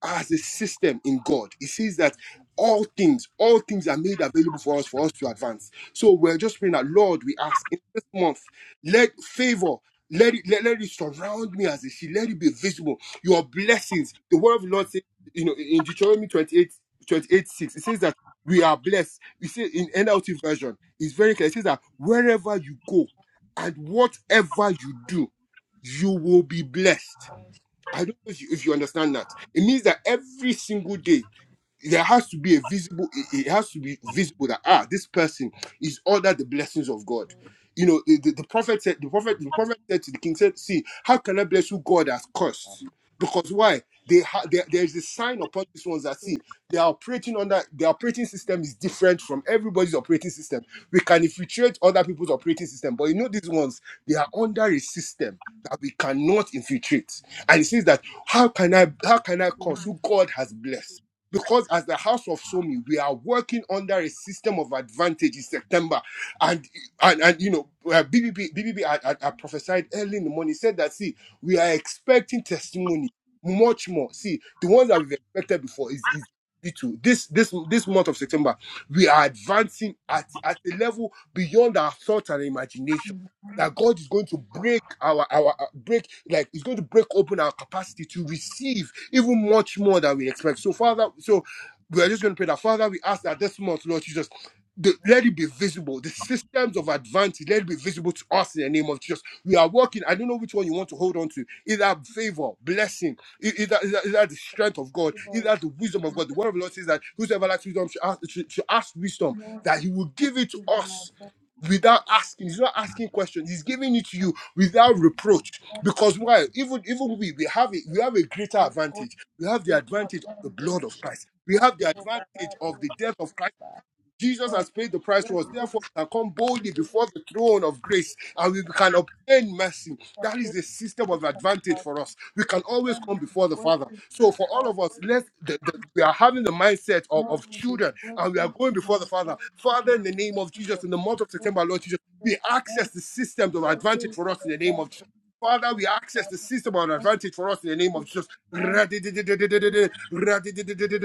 as a system in God. It says that all things, all things are made available for us for us to advance. So we're just praying that Lord, we ask in this month, let favor. Let it, let, let it surround me as a shield. Let it be visible. Your blessings. The word of the Lord says, you know, in Deuteronomy 28, 28 6, it says that we are blessed. You see, in NLT version, it's very clear. It says that wherever you go and whatever you do, you will be blessed I don't know if you, if you understand that. It means that every single day, there has to be a visible it it has to be visible that ah this person is under the blessings of god you know the, the, the prophet said the prophet the prophet said to the king said see how can i bless you god has cursed because why they ha- there, there's a sign upon these ones that see they are operating under their operating system is different from everybody's operating system we can infiltrate other people's operating system but you know these ones they are under a system that we cannot infiltrate and it says that how can i how can i curse who god has blessed because as the house of Somi, we are working under a system of advantage in September. And, and, and you know, uh, BBB, BBB I, I, I prophesied early in the morning, said that, see, we are expecting testimony much more. See, the ones that we've expected before is, is little. This, this, this month of September, we are advancing at, at a level beyond our thought and imagination that God is going to break our our uh, break like He's going to break open our capacity to receive even much more than we expect. So Father, so we are just going to pray that Father, we ask that this month, Lord Jesus. The, let it be visible. The systems of advantage, let it be visible to us in the name of Jesus. We are working. I don't know which one you want to hold on to. Either favor, blessing, e- either, either, either the strength of God,
Lord,
either the wisdom of God. The word of the Lord says that whosoever lacks wisdom should ask, should, should ask wisdom, that
mercy
He will
walk
give it to
into my
us without asking. He's not asking questions. He's giving it to you without reproach.
presence.
Because why? Even even we we have a, we have a greater
Take off
advantage. We have the
the cup
advantage of the
and
blood of
dosha.
Christ. We have the
Ako
advantage
baba
of the
bosa.
death of Christ Jesus
Lord,
has paid the price for us.
working
Therefore, we can come boldly
working,
before the throne of grace and we can obtain mercy. That is
working,
the system of
working,
advantage
working,
for us. We can always come before the Father.
working, working, in
So,
my
for all of
presence.
us, let the, the- we are having the mindset of,
No,
of
it is
children and we are
working
going
in my
before the Father.
life in
Father, in the
the name
name of Jesus,
of
in the month of
Jesus.
September, Lord Jesus, we
Your
access
mercy
the systems of
for
advantage
his
for us in the name of Jesus.
advantage.
Father, we access the
Father,
system on
thank
advantage for us in the name
you
of Jesus.
to advantage,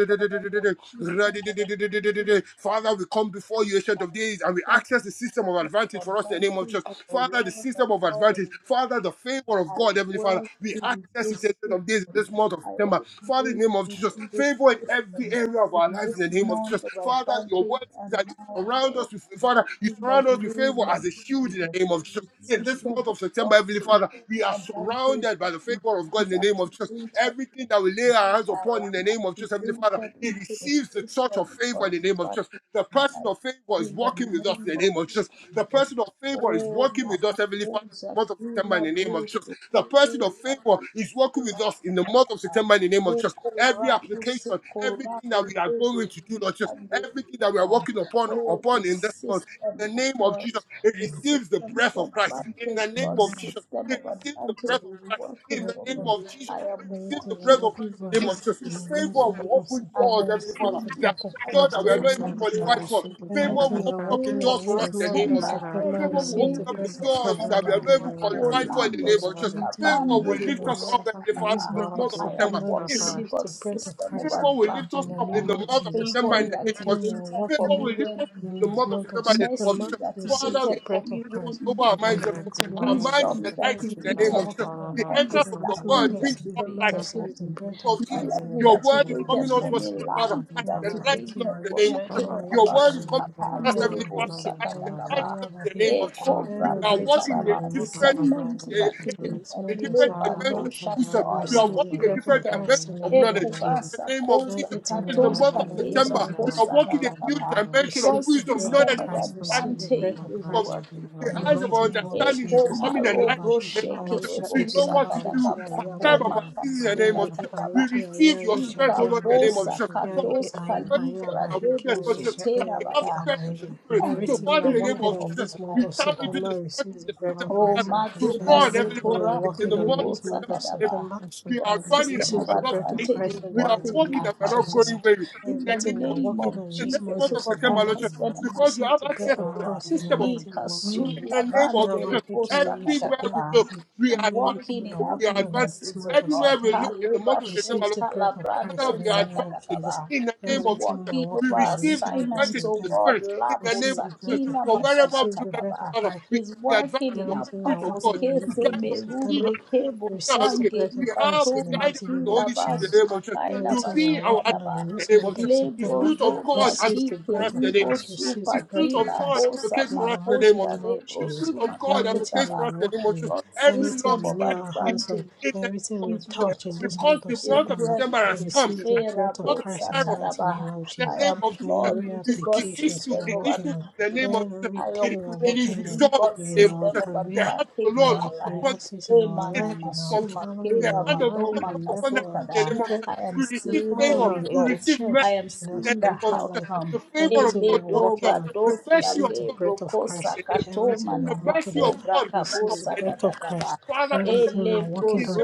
Father, your Christian advantage,
Father, we come before you, ancient of
our
days, and we access the system of
Christian
advantage for us in the name of
advantage
Jesus.
of the
Father, the
word of
system of
God
advantage. Father, the favor of
I
God, Heavenly Father,
work
we
in
access it,
this
ancient of days,
system.
this month of
I
September. Father, in
operate
the name of Jesus,
within this
favor in every
system,
area of our
in
lives in the
this
name of
month
Jesus.
of
Father, your
advantage
word says
and
that
now and
Surround
forever.
us with Father. You
in the
surround us with favor
name of
as a shield in the
Jesus.
name of Jesus.
The
In this
system
month
of
of September, Heavenly
God's
Father, we are
advantage
surrounded by the
is,
favor of God
is
in the name of Jesus.
activated.
Everything that we lay our hands
I
upon in the
am
name of Jesus, Heavenly Father,
activated
it
into the
receives the touch
system
of
of
favor in the
God's
name of
advantage
Jesus. The
in my
person
life.
of favor is
In the
working with us in
name
the
of
name of Jesus. The
Jesus.
person of favor is
Oh,
working with us, Heavenly Father, in
Napakosa,
the month of September in
Kula
the name of Jesus. The person of favor
Bruce,
is working with us in the month of September in the name of Jesus. Every application, everything that we are going to do, Lord Jesus, everything that we are working upon
Oh, the
upon in this month,
system
in the
of
name of
God,
Jesus, it
the
receives the
system
breath of
of
Christ. In
advantage,
the name
God's
of Jesus,
system
it
of
receives the
advantage
breath of
is
Christ.
working
In the
for
name
me.
Creating
of Jesus,
I
it
am
receives the
and
working
breath of
working
with
Christ. In the
Lord.
name of
this
Jesus,
system
favor
Release
of God.
will
on of
open
I
September
doors,
have
Heavenly
Receive
Father.
seen
the
the
That
breath of
the
shout
door
the
that
Christ
we
in
grace
are
the
day
not
name
even
that
of
in,
I found,
day
I
Jesus.
qualified
out.
for.
receive the
Favor
grace that
will
Everything
Every
we are
open up the
working
day of
doors
on
for us
this
in the name
month
of
of
Jesus.
September,
I
September
found
Favor
every
in the
will
Receive
day
open
name
the
of
up
in
the
breath of
Jesus, the
doors
Christ in
that we
the
grace
are
September.
not
name
that
even
of
I
Oh,
Jesus.
found in
qualified
the
for
name
in
of Jesus,
the
blah,
name
Lamos,
of
blah,
Jesus.
blah.
Everything
Favor
we're
will
working
lift
I
on
us
Kabandere,
up,
am
Heavenly
something
in
Father,
from
this
this
month
God,
of
month
I
of
I
do
am
September.
September,
it so
In
walking
the
in
far.
receive
name
the
God's
of
breath of
Jesus.
system of
Christ
Favor will lift us
in
advantage.
the
up in
name
the
of
month of
Jesus.
September
Favor
in
is
the name
Everything
of
we
Jesus.
are
activated
Favor
for
working
me
on
will lift
when
us up
in
in the
this
month
indeed.
of
month of
September in the name of
Mercy
September,
Jesus.
is
receive
Father,
the
we
activated for
ask
breath
me
of
God
Christ
over
when
our
In the
in
minds.
the
Lord.
indeed.
name
Jesus.
mighty name
Our
of
of Thank you.
mind
I
is
Wisdom
Jesus.
is
enlightened
trust you,
in the
Everything we
God,
name
are
I
of
activated
Jesus.
for
working
follow,
on
me.
I
The
love
entrance
you,
of
in
your
I
this
trust
Understanding
month
word
you.
is
of
brings forth
September,
light. In
activated for
the
receive
Everything
the
me.
you do,
breath of
name
you
of
do,
My
Jesus,
Christ in
life
you
the
do, you do, you do, you do, you do,
is
your
mighty
word is
name of
coming
activated for
unto us,
you
me.
do,
Jesus.
Heavenly Father,
Life
you
and
is
it's
do, you do.
activated
enlightening
Yamahiki
us in the
for
name of
me.
Aisha,
I
Jesus.
love
Kira
Your
you,
Yahiki
word
I
is
Aye,
coming
basuka
love you, I love you, I love you, I
to us, Heavenly
panderebo
Father,
Yamahiki
love
and
you, I
it's
Aye,
love
enlightening
you.
sakatagaba.
us in the
Kayamahiki.
name
E
of Jesus.
I'm
We
cobra
are
Everything
walking
we
in a
are
zetaraba.
working on
Discernment is
different
in
activated.
this
a
month of
different
Labor
September,
dimension of
dosha
wisdom.
we
joy
We are
is
receive the
walking a
breath of
different
activated.
dimension
Christ in the
of
E
name
knowledge.
of Jesus.
In
kubasa
the name of
koza
Jesus,
Everything we
in the
are
katos
month of
working on in this
September,
kalebra
month
we
of
are
kosa
walking a
September,
new
katakaba.
dimension of
Receive
God's
the
wisdom,
bread of
knowledge,
system of
and
Christ.
understanding.
Receive the
In
advantage
bread of
is
the name of
Christ.
Jesus,
working for
the
In
me.
the
eyes of our
mighty name of
understanding is
Jesus.
Ekoma
becoming enlightened
robo
in the name of Jesus.
shekerebo
We
e e
know what to do,
sakadakaba
part time or
koma
part season in the name
kasuka
of
e
Jesus.
takaba
We receive your strength, O
e
Lord, in the name of
ikabosa
Jesus. Father,
e
katos
because the word says that in
kaligra
our weakness,
debo
Lord Jesus, that
e
zotena
we have
e
bada
strength in the spirit.
in
So,
every
Everything we
Father,
are
in the name
area
walking
of
on in
of
Jesus,
this
my
month
we
life,
of
oh
tap into
God.
September
the strength of
receives the
the spirit,
breath of
Heavenly
Oh,
Father
Christ.
to
Madhuba
run, Heavenly
Everything we
Father,
are
Sepora
in, in the
walking on
month
in
of
Kirebo
this month
September,
of
in the name
Sakadaba.
September
Jesus.
of Jesus. We are
That
Amen.
running and
system
we
of
receive
are
the
not
breath of
advantage
fainting.
is
Christ in the
We are
working
mighty
in
name
walking
my
of
and we are not
Jesus.
going
household.
weary. In
In the
the
Everything
name
we are
of
name
Jesus.
of
working on in
In
this
this
month
month
Jesus,
of
of
over my
September,
September,
Lord Jesus,
husband and my
because we
receive
have
the
access
breath
children,
of
oh
to the
God.
Christ in the
system of
mighty name of Jesus.
advantage.
Ikasula
In the name of Jesus,
Kiyabahi,
Banderebo
Kiyayisha,
everywhere we
Sakatakaba
look,
Iyabahi.
we are
Everything
advancing.
walking
we
in
are
our
We are
working on in
advancing.
this
businesses, oh
month of
Everywhere
God.
we look
September,
in the month
Kaleba
of September,
receive
Lord
the
shonta
breath of
Jesus,
Christ in
Father,
labrando
we
the
are
name
advancing.
of Jesus.
sakadakaba.
In the name
He's
of
Everything we
Jesus,
are
walking
we
working on
over
in
receive
this
the
month of
assignment,
advantage of
oh
the
September,
God.
Spirit. In the
Lapo
name
receive
of
the
Jesus,
breath of
sakila
for
Christ,
wherever we
receive
look,
the
Heavenly
breath of
masamatakaba.
Father,
Christ.
we
He's
the advantage
working in
of the
our
Everything we are
Spirit of
purpose.
working
God
on in
to
this
Kese
guide
month of
us, to lead us,
September
merubre
to teach us,
kebo
to tell us,
receives the
okay,
breath
we
of
shangerida
have
Christ
the
in the
toma
guidance
mighty
of
name
the
of
Holy
kila
Spirit in the
basu
Jesus.
name of Jesus
makaila
to
Everything we are
be our
bashika
working
advocate
on
daba
in
in
this
the name of
month
Jesus.
of
The
September
lebo
Spirit of God
zobra
receives the
advocates
kike
for
breath
us in the
of
name
libo
of
Christ,
Jesus.
receives the
The
supa
Spirit
breath of
of
kila
God
Christ
bosa
advocates
in
for us
the
in the name
mighty
of
makoshka
name
Jesus.
of
rebro
The
Jesus.
Spirit of
suma
God
katoka
Everything
advocates
we
for
ba.
us
are
in the name of
working
Jesus.
on,
God's
Every
system
everything
long
we
of
lay our
standing issue
hands on,
advantage
in the name
everything
of
we
He's
Jesus,
touch in this
working.
because
month of
the
He's
month of
September
September has
working.
come and
receives the
Hey,
it's the
breath of
Rabo
month of
Christ in
Kairos
the
for
mighty name
Satarabaha.
of
us. In
I
the
Jesus.
name
am
of Jesus,
plugged
Every
into
is the
God's
applications
issue,
we are
system
the
of
issue
working
in
on,
the name
advantage.
of Jesus.
I
It,
everything we are
it
operate
is
working on
within
resolved
God's
in
in the name of
our
system
Jesus.
of
The
career,
hand of the
advantage
in
for
Lord
our
comes
our life.
upon that
finances, in
Hey,
our
issue in
Mana
the
life, in our
name of Jesus.
Masuma,
family, in
The
Kela
our
hand of God
marriage,
Manoma
comes
in life
upon
of
that
our
issue in the
Kasokada.
name of
children,
Jesus.
I am
We
in
receive
seeing the
all
favor.
around,
We
in the
results.
receive
I
church,
mercy
am
in our
in the
seeing
name
the
of
spiritual
Jesus.
life,
outcome.
The
Hey,
favor of
everything we
God
are
works
Ledo
with
working
us.
on
The
Badosh
mercy of
receives the
God
breath
Kalebro
backs
of
us up
Christ.
Kosa
in the name of Jesus.
Everything
Katoma
we are
The
working
mercy
on
of God
Namakobra
backs us up
receives the
in the name of
Kabosa
Jesus.
breath of Christ.
Kadagaba.
Father, concerning
Everything we
Ele
are working
everything,
on
brozo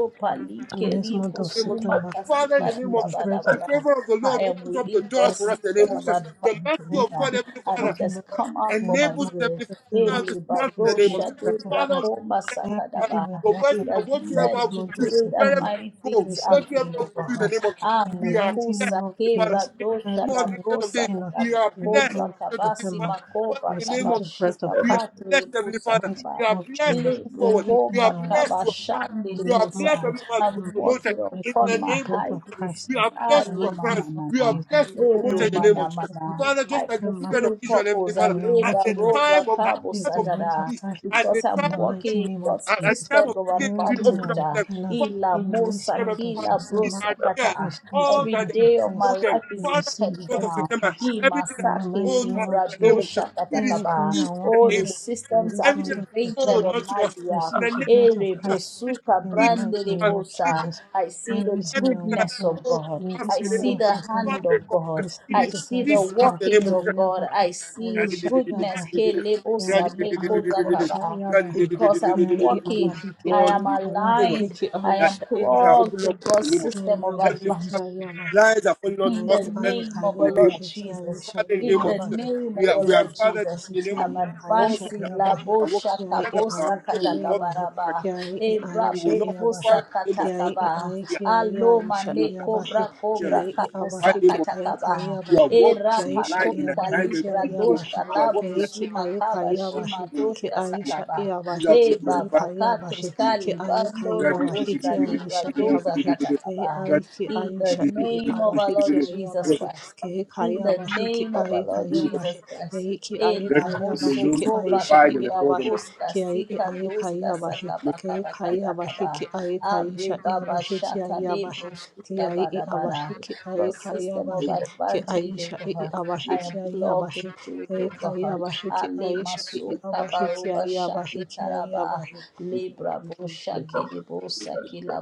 in
palikeri
this
in
month of
the name of Jesus.
posuma
September
Father, in the
kasitara
name
receives
of
the
Jesus,
babara
breath
the
of
bara.
favor of the Lord
I
Christ.
am
opens up
Everything
the
within
doors
God's
for us in the
system
name of
of
Jesus. The mercy
advantage,
of
uh,
God,
we are
Heavenly
and
Father,
it
working on
has
uh,
come out for
in the
my
enables us,
month
good.
Heavenly
of September,
Father, this
Ele
month
we
in the
receive
name of
badosha
the
Jesus.
breath of
debra
Father,
Christ.
koma
we are blessed,
May
Heavenly Father.
sakadaba.
Everything we are
Your word
walking
It
is that
has
in
led
whatsoever
this
we
to
month of
do,
great and
wherever
September
mighty
we go,
we
things
receive the
whatsoever
happening
we
breath
over
of
do in the
her.
name
Christ.
of Jesus,
In the
we are
mighty
blessed,
name
Amekusa
of
Heavenly Father.
kebra
Jesus,
In this
dosha da
month,
everything
instead of
brosa
this,
we are walking on
we
kadabra
are
in this
blessed,
kobra
month
instead
of
of
kabasi
this,
September
Father,
we
makoba
in the
receive
name of
the
Jesus,
breath
kabashika
of
we are
Christ.
patri
blessed, Heavenly
busa
In the
Father.
mighty
kaba.
We
name
are
of
blessed to
Jesus,
move
everything
Libro
we are
forward. We
Koba
are
walking
Kaba
blessed to advance.
Shandi
on in
We are
this month
blessed,
Ribosa.
of
Heavenly Father, to be
I'm
September
promoted
walking
we
in
upon
the
receive the
my
name of
breath
high
of
Jesus.
Christ.
We
places.
are
In
blessed
the
to
Aye
mighty name
mana
advance.
of
We are
mana.
Jesus,
blessed to be
Eru
everything
promoted in
in
the name of
mana
Jesus.
this month of
mana.
Father,
I
just like the
September
children of
fulfill
Israel, Heavenly
purpose. I
Father,
now we are
at
labor
the
walking and
robra
time of at the
kabo
receive
time
the
of
breath
their
of
satada.
release,
life
at the
Because
in
time
I'm
the
of them,
mighty
walking in
name of
God's
at, at
Jesus.
the time
system
of
of
the gate being
Everything we
opened
are
advantage.
up for
ah.
them,
walking on
Father,
Ila
you
in
gave them,
mosa
this month
Heavenly
of
Father,
kila
in
September
brosa
arrears,
kata.
receives
all
the
Every
that
breath of
day of my
Christ.
Holden,
life
We
is
Father,
receive the
God
breath
of
intentional.
of
remember
Christ
He
everything that
in
has
the
masake
been
mighty
owed
name
us
of
libra
in the name of
Jesus.
Jesus.
dosha
It is
Everything
katakaba.
we are
released in
All
the
walking
the
on
name of Jesus.
in
systems
this
Everything
month
that
of
has been
activated
owed
September
on
unto
my
us in
behalf.
the
receives
name of
the
Jesus.
breath of
Ere
Christ
It
bosuka
in the
is
brande
mighty
released,
name
Heavenly Father.
of
In the name of Jesus.
rebosa.
Jesus.
I see the
Everything we are
everything that has
goodness
walking
been
on
of
owed
God.
in
to us
this
I
in the name
month
of
see
of
the
Jesus. Father,
September
hand
in
of
the name of
God.
Jesus, it is
receives
I
the
see
breath
the
released
of
to us in the
Christ.
name
workings
of
of
Jesus.
God. I see His
Aisha
goodness.
Yabahi
Ke
Yai
lebosa meko
Aikaisha
zakaba.
Yabahi
Because I'm
Yai
walking,
Abahiki
I
Lord,
am
we
Aika
pray
Yabahi
much
aligned. I
that
am
Aisha
things are
Yabahi
plugged
opened up
to God's
in the name of Jesus.
system of
Yabahi
Heavenly
advantage.
Father,
Yabahi
lies are falling out
In
to
Yai
the
us in pleasant places
name
Aisha
of the
in the name
Lord
of
Abahi
Jesus.
Jesus.
Aisha
Father, in the
In
name of
the
Jesus,
Abahi
name
we
of
are,
the
we are
Yai
Lord
Father,
Jesus,
Abahi
in the name of
I'm
Jesus,
Kiai
all
Aisha
things
advancing
that all
la
things
Abahi
are working
bosha
Yai
together for our
kabosa
Aisha
good in the month of
Abahi
September.
katakabaraba,
Yai
ebra
We
Aisha
will not,
bekosa
Father,
Abahi
in the name of
Yai
katakaba,
Jesus
aloma
Aisha
move
ne
and
Abahi
kobra cobra
fellowship.
Yai
I
kabosa
Abahi
name of Jesus.
Aisha
katakaba,
You are
Abahi
walking
era
in
Yai Aisha
line,
patoka
in
Abahi
alignment
kalibra
with
Yai
your womb.
Abahi
doshka
You are
labu
walking in
Yai ki
suma
alignment
kaba
with
Aisha
shima
Abahi
the name of Jesus.
ki
doshka
Lord.
Aisha
sakaba,
These are
Abahi
e
being
ki
glorified
baba
Aisha Abahi
katus
forevermore in the name of
ki
Jesus.
Aisha
kali bando
Let
Abahi ki
roboshka libra
Aisha
doza
Abahi Ke
katakaba,
ai ki
in
ai
the
sha i i
name of our
awahe ki
Lord
ai
Jesus
awahe
Christ.
ke he kai
In the
awahe ki
name of our
ai
Lord
kai awahe
Jesus
he
Christ.
i ki ai kai
your name
awahe
alone
ki
be
ai
Enamosokova
sha
glorified
i
and
i
kiba
adored on my
awahe
doska
ki ai i
sika
ai kai
doska
awahe
sakaba
ke he
kaba
kai
kaba
awahe
kaba.
ki ai kai
Abre
sha i
baba
awahe ki ai
shata de
awahe ki
broshika
ai i
bada bada.
awahe ki
Your
ai kai
system of
awahe
lips.
ki
advantage,
ai sha
oh
i i
God. I
awahe ki
am
ai
plugged
awahe ke
into it,
he
oh
kai
God.
awahe ki
Ale
ai sha i i
masuka
awahe ki
baruba
ai
shaki
awahe ki ai
taraba.
awahe
Libra
thank
bo
you
shaki
Jesus
de bo saki la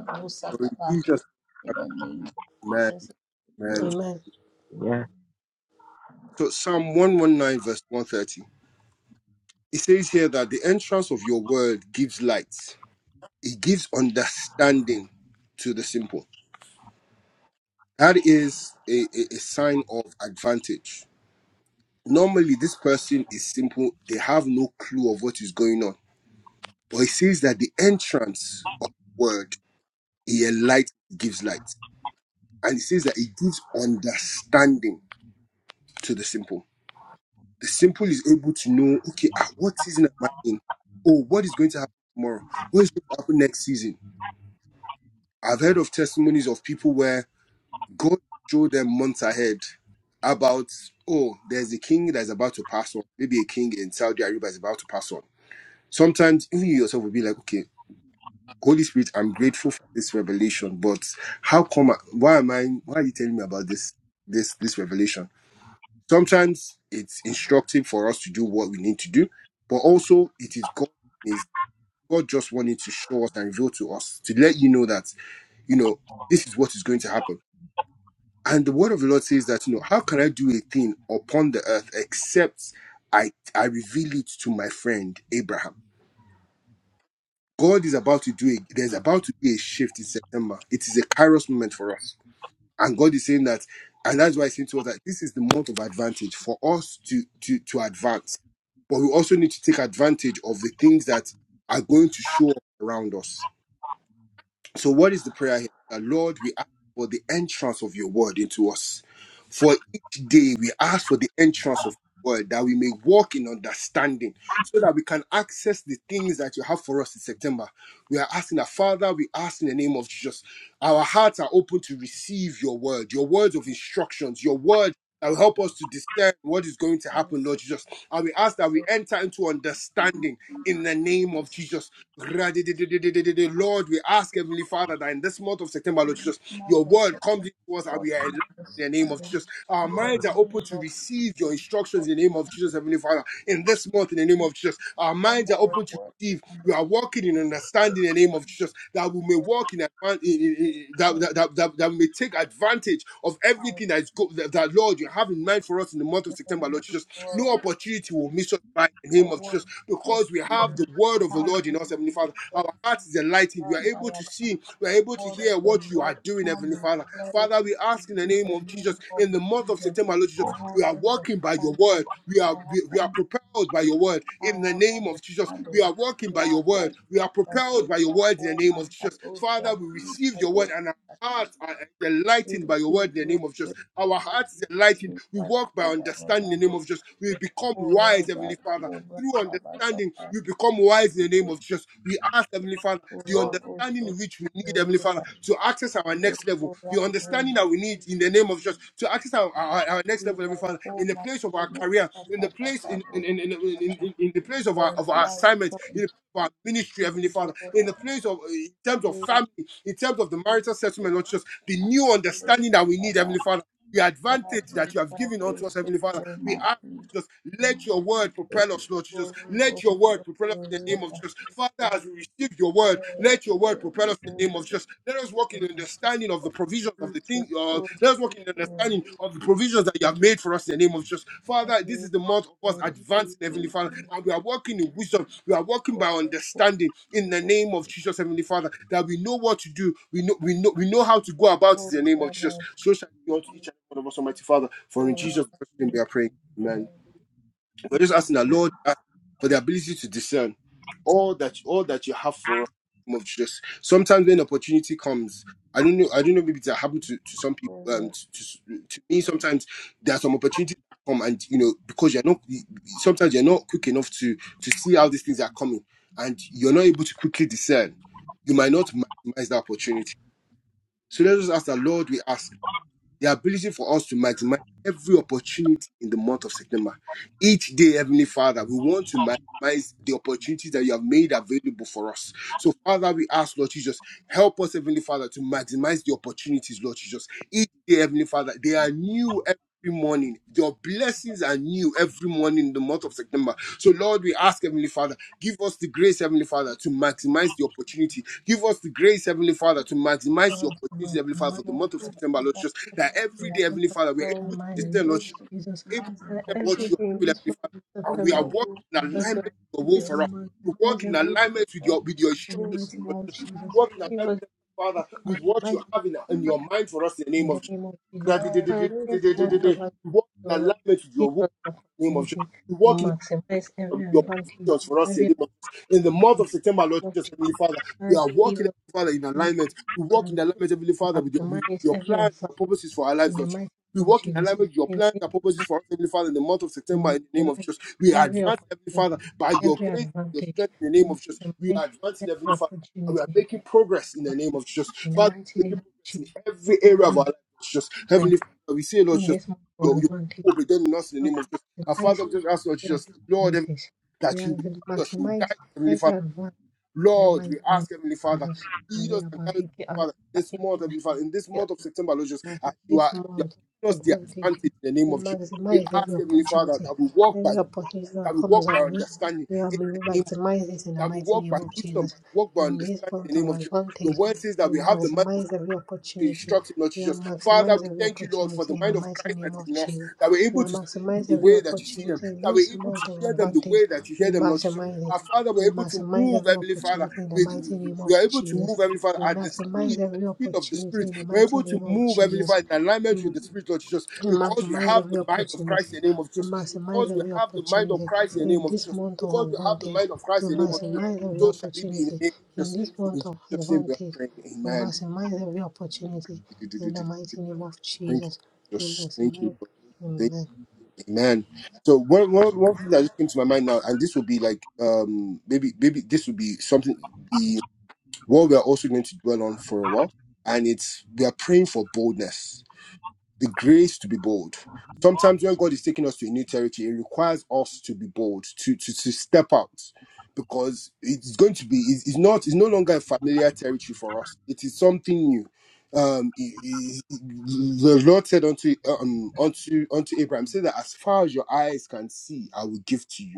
For in
brosakaba.
Jesus'
In
name,
the name of
amen,
Jesus,
amen.
amen
All right,
So Psalm 119, verse 130. It says here that the entrance of your word gives light, it gives understanding to the simple. That is a, a, a sign of advantage. Normally, this person is simple, they have no clue of what is going on. But it says that the entrance of the word, it light gives light. And it says that it gives understanding to the simple. The simple is able to know, okay, ah, what season am I in? Oh, what is going to happen tomorrow? What is going to happen next season? I've heard of testimonies of people where God showed them months ahead about, oh, there's a king that's about to pass on. Maybe a king in Saudi Arabia is about to pass on. Sometimes even you yourself will be like, okay, Holy Spirit, I'm grateful for this revelation, but how come? I, why am I? Why are you telling me about this? This this revelation? Sometimes it's instructive for us to do what we need to do, but also it is God is God just wanting to show us and reveal to us to let you know that you know this is what is going to happen. And the word of the Lord says that you know how can I do a thing upon the earth except I I reveal it to my friend Abraham. God is about to do it. There's about to be a shift in September. It is a kairos moment for us And God is saying that, and that's why I saying to us that this is the month of advantage for us to to to advance. But we also need to take advantage of the things that are going to show up around us. So, what is the prayer here? That, Lord, we ask for the entrance of your word into us. For each day, we ask for the entrance of your word that we may walk in understanding so that we can access the things that you have for us in September. We are asking that, Father, we ask in the name of Jesus, our hearts are open to receive your word, your words of instructions, your word. That will help us to discern what is going to
I
happen, Lord
receive
Jesus. And we ask that we enter into understanding in the name of
this.
Jesus Lord, we ask Heavenly Father that in this month of September, Lord
Even
Jesus,
small
your
helps
word
of
comes into us and we are
working
enlightened in the name of
understanding.
Jesus. Our
In
minds are
the
open
name
to
of
receive your
Jesus,
instructions in the name of Jesus, Heavenly Father. In this month, in the name
make
of Jesus, our
them
minds are
my
open to
work
receive.
and
We are walking in
do
understanding in the
them
name of Jesus that we may walk in advan- in- in- in-
my
that, that, that, that, that we may take advantage of
fire.
everything that is good that, that, Lord you have in mind for us in the month of
In the
September, Lord
name
Jesus. No
of Jesus,
opportunity will miss us by the
I
name of Jesus
work in the
because we have
spirit.
the word of the
Come,
Lord in us, Heavenly
Mr.
Father. Our heart is enlightened. We are
Abraham,
able
I
to
am the
see, we are able to
word
hear
of
what
the
you
Lord.
are doing,
Come
Heavenly
with
Father. Father,
clarity.
we ask in the
In the
name of Jesus,
name of
in the month of
Jesus,
September, Lord
I
Jesus,
have
we are walking by your
understanding.
word. We are
I have
we, we are
understanding.
propelled by your word. In the name
Ayanda
of Jesus, we
Kado,
are walking by your
Lapo,
word. We are propelled by your
Kusakia,
word in the name
Koma,
of Jesus. Father,
Katosha,
we receive your word
Kado,
and our hearts are enlightened
Kado,
by your word in the name of Jesus. Our hearts is enlightened. We walk by understanding in
Kado,
the name of Jesus. We become wise,
Uraba,
Heavenly Father
Kuba,
through understanding,
Abakapa,
we become wise in the name of Jesus. We ask Heavenly Father the
Urabo,
understanding which we need, Heavenly Father,
Uraba,
to access our next level,
Ekura,
the understanding that we need in the name of Jesus to access our, our, our next level,
Ila,
Heavenly Father, in the
Koma,
place of our career,
Kamosa,
in the place in in,
Kakakabo,
in, in, in, in in the place of our
Lord,
of our
light
assignment, in
come
the place of our ministry, Heavenly Father, in
over,
the place of in terms of
Uru,
family, in terms of the marital settlement,
Uru,
Lord Jesus, the new understanding that we need,
Kakakabo,
Heavenly Father. The
that
advantage
we
that
can
you have given unto us,
also
Heavenly Father,
for
we
my
ask.
feet.
Jesus. Let your word propel
It's
us, Lord Jesus.
going
Let
off
your word
the
propel us in the name of
river.
Jesus. Father, as we receive your word,
The
let your word
ocean is
propel us in the
open.
name of Jesus. Let us walk in the
Every
understanding of the provisions of the thing. Uh, let us walk in the understanding of the provisions that you have made for us in the name of Jesus. Father, this is the month of us
person
advancing, Heavenly Father,
is
and we are walking in wisdom. We are walking by
open
understanding in the
for all
name of Jesus, Heavenly Father, that we know what to do. We know, we know, we know how to go about it in the name of Jesus.
service
So shall it be unto each and every one of us, Almighty Father. For in
for us.
Jesus' name we are praying. Amen. We're just asking the Lord uh, for the ability to discern all that all that you have for us. in the name Of Jesus. Sometimes when opportunity comes, I don't know. I don't know. Maybe it's happened to, to some people.
For
Um,
us.
to, to, to me, sometimes there are some opportunities that come, and you know, because you're not. Sometimes you're not quick enough to to see how these things are coming, and you're not able to quickly discern. You might not maximize the opportunity. So let us ask the Lord. We ask the ability for us to maximize every opportunity in the month of September. Each day, Heavenly Father, we want to maximize the opportunities that you have made available for us. So, Father, we ask, Lord Jesus, help us, Heavenly Father, to maximize the opportunities, Lord Jesus. Each day, Heavenly Father, they are new every morning. Your blessings are new every morning in the month of September. So, Lord, we ask, Heavenly Father, give us the grace, Heavenly Father, to maximize the opportunity. Give us the grace, Heavenly Father, to maximize the
Father, in my
opportunity, Heavenly Father,
You
for the
can
month of
mighty
take
September,
us
Lord
and
Jesus.
push
That
the
every
us.
day,
month
Heavenly
of
Father, we are able
Lord,
to
in the mighty
give
name of
discern, Lord
grace
Jesus,
to
Jesus.
able to
minds and
That
discern what
every
opportunity
you
day
are
in
in
doing,
this
Heavenly
month of
Father, and we
the
are
September,
world
working in
and
give
name
us
alignment
your
of
with your will
ability to
Jesus.
for us. To work
maximize
in
every
Grace for
alignment with
God,
your with your
day in the
instructions,
grace to
mighty
Lord.
name
to
of
minds
Jesus.
and
work in alignment,
Give us
opportunity.
Heavenly
your
Father, with what you
ability to maximize every time
have in, in your mind for us in the name
in
of
the
Jesus.
name of Jesus.
That- that- that-
Oh,
that-
Father, in this
that- that- that- that-
month
Krishna.
of
that-
August,
We Work
O
in
Lord,
alignment with
give
your will
us the
in the name of
opportunity to
Jesus
maximize
of
every
your
advantage,
provisions for us in the
every
name of Jesus. In the
opportunity
month of September, Lord
of
Jesus,
Jesus.
Heavenly Father, we
Father,
are
give
walking,
us the
Heavenly Father, in
opportunity
alignment. We walk in alignment, Heavenly Father, with your,
to
with
maximize
your
every
plan and
advantage
your purposes for our
in
lives,
the
Lord Jesus.
mighty
We
name of
walk in
Jesus.
alignment with your plan and purposes
Amen.
for us, Heavenly Father, in the month of
We
September, in the name of
maximize
Jesus. We are
every
advancing, Heavenly Father,
opportunity,
by your
every
grace and your
advantage.
strength, in the name
We
of Jesus. We are
maximize
advancing,
every
Heavenly Father, and we are
opportunity.
making progress in the
But
name of Jesus.
In the
Father,
mighty
we
name
are
of
making progress
Jesus,
in every
Lord,
area of
we
our lives, Lord Jesus.
declare
Heavenly Father, we say, Lord
in
Jesus,
this month of
your, your
advantage,
will be done in us in the
Lord,
name of Jesus.
we
Our Father,
maximize
we just ask, Lord
every
Jesus, Lord,
opportunities. We
that you will
maxi-
lead us, you will
maximize
guide us, Heavenly
every
Father.
advantage in the
Lord, we
mighty name of
ask Heavenly Father,
Jesus.
lead us and guide us, Father, this month, Heavenly Father, in this month of September, Lord Jesus,
I
as
think
you
this
are, you are
month,
giving us the
advantage.
advantage in the name
We
of Jesus. We
maximize
ask
every
Heavenly Father that
opportunity.
we walk by
Every opportunity that
that we
comes
walk by
our way,
understanding
we are-
in the
we
name of
maximize it in the
that we
mighty
walk by
name of
wisdom, that
Jesus.
we walk by
In this
understanding in
month
the name
of
of Jesus. The
advantage,
word says that
we
we have the mind of
maximize every
to
opportunity.
instruct him not to
We are
just. Father,
maximize
we
every
thank you, Lord, for
opportunity
the
in the
mind of
mighty
Christ that
name
is
of
in us,
Jesus.
that we're
We
able
are
to see things
maximize
the
every
way that you see them,
opportunity in
that we're
this
able to
month of
hear them the
advantage.
way that you hear
We
them, Lord Jesus.
maximize
Our
it.
Father,
We
we're able to
maximize
move,
every
Heavenly Father.
opportunity in the
We, we
mighty name
we
of
are able to
Jesus.
move, Heavenly Father,
We
at the
maximize
speed, at the
every
speed of the
opportunity
Spirit.
in the
We're
mighty
able to
name of
move, Heavenly
Jesus.
Father, in
We
alignment with the Spirit, Lord Jesus,
we
because we
maximize
have
every
the mind of Christ
opportunity.
in the name of
We
Jesus.
maximize
Because we
every
have the mind of
opportunity
Christ in the name
in
of
this
Jesus.
month of
Because we have the
advantage.
mind of
We
Christ in the name of Jesus.
maximize every
So shall it be in the
opportunity
name of
in
Jesus.
this
For in
month of
Jesus' name we are
advantage.
praying.
We
Amen.
maximize every opportunity in the mighty name of
Thank you.
Jesus. We
Just thank you,
maximize.
Lord. Thank
Amen.
you, man. So one, one, one thing that just came to my mind now, and this will be like um maybe maybe this will be something the what we are also going to dwell on for a while, and it's we are praying for boldness the grace to be bold. Sometimes when God is taking us to a new territory, it requires us to be bold, to to, to step out, because it's going to be it's, it's not it's no longer a familiar territory for us. It is something new. Um, it- it- it- the Lord said unto um unto unto Abraham, say that as far as your eyes can see, I will give to you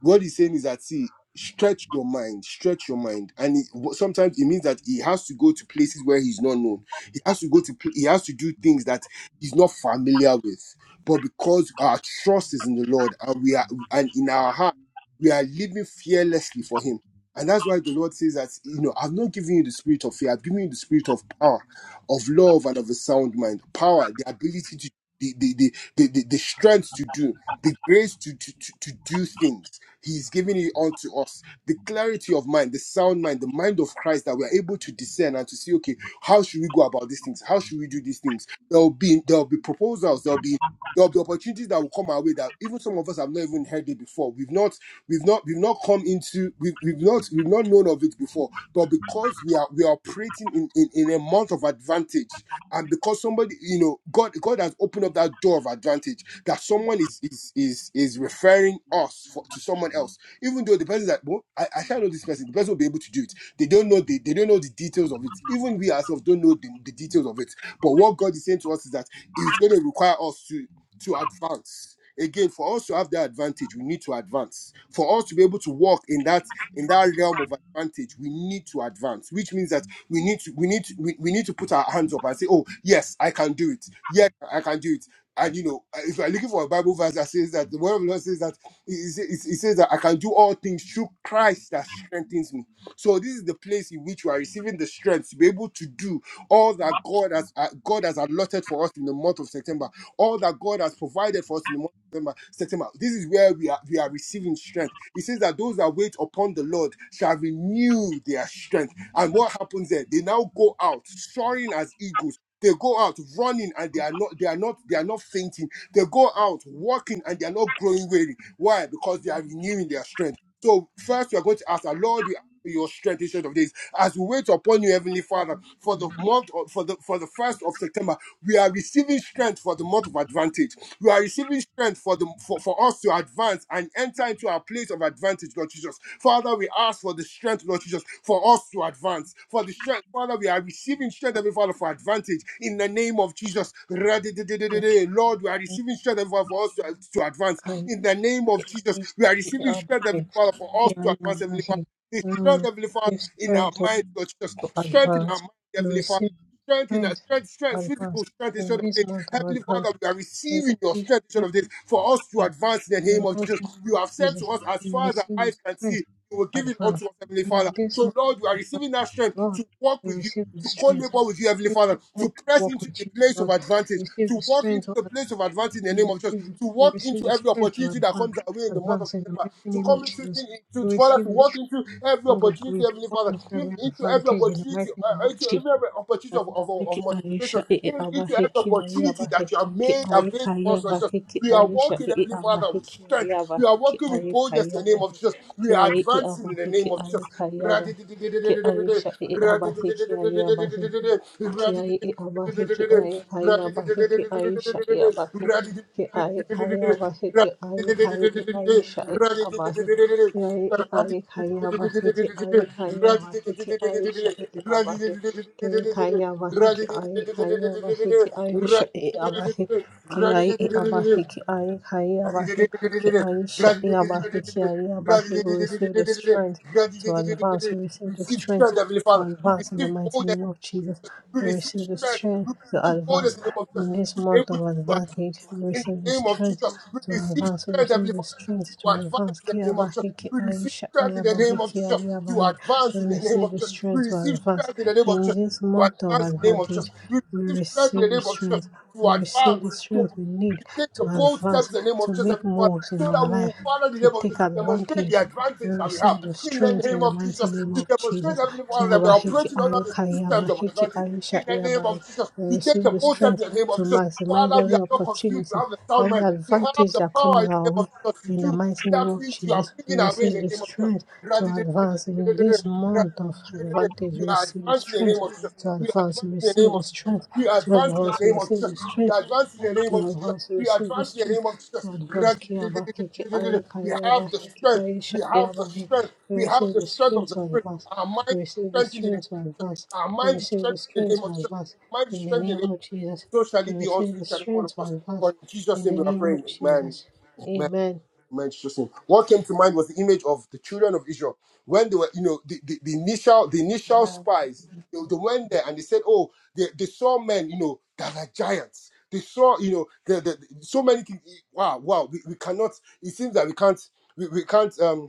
what he's saying is that see, stretch your mind, stretch your mind, and it, wh- sometimes it means that he has to go to places where he's not known. He has to go to pl- he has to do things that he's not familiar with. But because our trust is in the Lord and we are and in our heart we are living fearlessly for Him. And that's why the Lord says that, you know, I've not given you the spirit of fear, I've given you the spirit of power, of love, and of a sound mind. Power, the ability to, the, the, the, the, the the strength to do, the grace to, to, to, to do things. He's giving it unto us. The clarity of mind, the sound mind, the mind of Christ that we are able to discern and to see, okay, how should we go about these things? How should we do these things? There'll be there'll be proposals, there'll be there'll be opportunities that will come our way that even some of us have not even heard it before. We've not we've not we've not come into we've, we've not we've not known of it before. But because we are we are operating in, in, in a month of advantage, and because somebody, you know, God God has opened up that door of advantage that someone is is is is referring us for, to someone else, even though the person that well, I, I can't know this person, the person will be able to do it. They don't know the, they don't know the details of it. Even we ourselves don't know the, the details of it. But what God is saying to us is that it's going to require us to to advance. Again, for us to have that advantage, we need to advance. For us to be able to walk in that in that realm of advantage, we need to advance, which means that we need to we need to, we, we need to put our hands up and say, Oh, yes, I can do it. Yes, I can do it and you know, uh, if you're looking for a Bible verse that says that the word of the Lord says that it, it it says that I can do all things through Christ that strengthens me. So this is the place in which we are receiving the strength to be able to do all that God has uh, God has allotted for us in the month of September, all that God has provided for us in the month of September. September. This is where we are we are receiving strength. It says that those that wait upon the Lord shall renew their strength. And what happens there? They now go out soaring as eagles they go out running and they are not they are not they are not fainting. They go out walking and they are not growing weary. Why? Because they are renewing their strength. So first we are going to ask our Lord, we ask for your strength instead of this. As we wait upon you, Heavenly Father, for the month of, for the for the first of September, we are receiving strength for the month of advantage. You are receiving strength for the for, for us to advance and enter into our place of advantage, Lord Jesus. Father, we ask for the strength, Lord Jesus, for us to advance. For the strength, Father, we are receiving strength, Heavenly Father, for advantage in the name of Jesus. Ra-di-di-di-di-di-di. Lord, we are receiving strength, Heavenly Father, for us to, to advance in the name of Jesus. We are receiving strength,
Amen.
Heavenly Father, for us
Yeah,
to
yeah,
advance,
but
Heavenly Father.
he
The strength,
will
Heavenly Father,
receive
in our
strength to
mind, Lord Jesus. Strength in our
advance.
mind,
You
Heavenly Father
receive
strength in our
strength
strength,
to
strength, physical
advance.
strength
In
instead
this
of
month of
Heavenly Father,
advantage,
we are
you
receiving your
receive
strength instead
strength
of this for us to
to advance.
advance in the
in
name
the
of
mighty
Jesus.
name
You
of
have said to
Jesus.
us, as
You
far as our
receive
eyes can
strength
see, you will
to
give it
advance.
unto us, Heavenly
In
Father.
this
So,
month
Lord, we are
of advantage,
receiving that strength
Lord,
to walk
you
with you.
receive the
To
strength.
co-labor with you, Heavenly
You receive
Father,
the
to
strength to
press
walk
into the
with you,
place of
Lord.
advantage,
You receive the
to walk
strength
into
to
the
advance.
place of advantage in the name
You
of Jesus,
receive,
to
you
walk
receive
into
the
every
strength to
opportunity that
advance.
comes our way in the month of
Advance in the
September,
mighty
to
name of
come into,
Jesus.
to,
You
to Father, to
receive the
walk
strength.
into every
King of
opportunity,
Greece,
Heavenly
walk
Father,
into
in-
every
into every
advantage in the mighty
opportunity,
name
uh,
of
into
Jesus.
every opportunity of, of, of
Abaheki
multiplication,
Aisha, ee
Give into every
Abaheki Aye
opportunity that you have
Abaheki
made
Aye
available for
Kaya
us, Lord Jesus.
Abaheki
We are
Aisha,
walking,
ee
Heavenly Father, with
Abaheki Aye
strength. We are
Abaheki
walking with
Aye
boldness
Kaya
in the name of Jesus.
Abaheki
We are
Aye ee
advancing in the
Abaheki
name of Jesus.
Aye Kaya Abaheki
Ra-di-di-di-di-di-di-di-di-di-di.
Aisha, ee Abaheki Aye Abaheki ki ai
Ra-di-di-di-di-di-di-di-di-di-di-di.
i
Ra-di-di-di-di-di-di-di-di-di-di.
awahi ki
Ra-di-di-di-di-di-di-di-di-di-di.
ai kai awahi ki ai shai awahi ki ai kai awahi
Ra-di-di-di-di-di-di-di-di-di.
ki ai kai i
Ra-di-di-di-di-di-di-di-di-di.
ai shai awahi
Ra-di-di-di-di-di-di-di-di.
ki ai i ai kai awahi ki ai kai awahi ki ai shai awahi
Ra-di-di-di-di-di-di-di-di-di-di.
ki kai
Ra-di-di-di-di-di-di-di-di-di.
awahi ki
Receive
ai kai
strength,
awahi ki ai shai awahi ki ai e abahi, ki ai kai abahi, ki ai sha e abahi, ki ai abahi. We receive the strength to advance. We receive the strength
Heavenly
to
Father. We
advance in the
receive
mighty
boldness.
name of Jesus.
We
We
receive
receive the
strength.
strength
We
to
receive boldness
advance
in the name of
in
Jesus.
this
To be
month
able
of
to advance
advantage. We
in
receive
the
the
name of
strength
Jesus. We
to
receive
advance. We
strength,
receive
Heavenly Father.
the strength to
You advance
advance.
in the
Ki
name of Jesus.
abahi, ki
We
ai
receive
sha e
strength in the
abahi,
name of
ki
Jesus.
ai
You
abahi.
advance
We
in the name
receive
of
the
Jesus. We
strength to
receive
advance
strength in the name of
in
Jesus.
this
You
month of
advance in the name of Jesus.
advantage.
You
We
receive strength in
receive
the
the
name of Jesus.
strength. We
You
receive
advance
the
to
strength we need
to take the
to
bold steps
advance,
in the name of
to
Jesus,
make
Heavenly Father,
moves in
so
our
that we will
life,
follow the
to
name of
take
Jesus to demonstrate the
advantage. We
advantage that we have
receive the
in the
strength in
name
the
of
mighty
Jesus,
name
to
of
demonstrate,
Jesus.
Heavenly Father, that we are
Kiabahiki
operating under
aye,
the systems of
kayabahiki
advantage
aye,
in the name
shaiabaye.
of Jesus.
We
We take
receive
the
the
bold steps
strength
in the name
to
of Jesus.
maximize
Father, we
every
are not confused. We
opportunity,
have the sound
every
mind. We have
advantage
the
that
power
comes
in
our
the name of
way.
Jesus to
In the
do
mighty
that
name of
which you are
Jesus, we
bringing away in
receive
the
the
name of Jesus.
strength to
Gratitude.
advance in this month of advantage.
We
We
are
receive the
advancing in the
strength
name of Jesus.
to
We are
advance. We
advancing in the
receive
name
the
of Jesus.
strength
We are
to
advancing in the
advance. We
name of
receive the
Jesus. We
strength
are advancing in the name of Jesus.
Advance
We are
receive the
advancing in the
strength.
name of Jesus.
Advance Kiabaki
Gratitude.
Kiayu
We have the
Kayabaki
strength.
Kiayu
We have the
Shakyabaki.
strength.
We
We have
receive
the
the
strength of
strength
the
to
Spirit.
advance.
Our mind is
We receive the
strengthened in the name
strength to
of Jesus.
advance.
Our
We
mind is
receive the
strengthened in the
strength
name
to
of Jesus.
advance.
Our mind is
In the
strengthened in the
name
name of Jesus.
of Jesus.
So shall
We
it be unto
receive the
each and every one of
strength to
us. For
advance.
in Jesus'
In
name
the
we are
name of
praying. Amen
Jesus. Amen.
mentioned. What came to mind was the image of the children of Israel when they were, you know, the, the, the initial the initial spies. They, they went there and they said, "Oh, they, they saw men, you know, that are giants. They saw, you know, the, the, so many things. Wow, wow. We, we cannot. It seems that we can't. We, we can't. Um,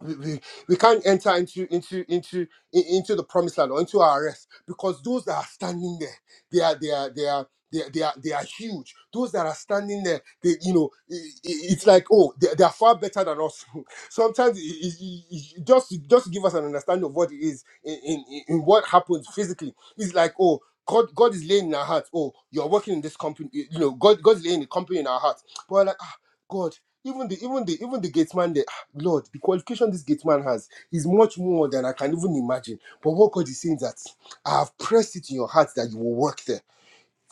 we, we, we can't enter into into into in- into the promised land or into our rest because those that are standing there they are they are they are they are, they are, they are huge. Those that are standing there, they you know, i- i- it's like oh, they, they are far better than us. Sometimes, i- i- i- just just to give us an understanding of what it is in, in, in what happens physically, it's like oh, God God is laying in our hearts. Oh, you're working in this company, you know, God God's laying the company in our hearts. But we're like ah, God, even the even the even the gateman there. Lord, the qualification this gate man has is much more than I can even imagine. But what God is saying is that I have pressed it in your heart that you will work there.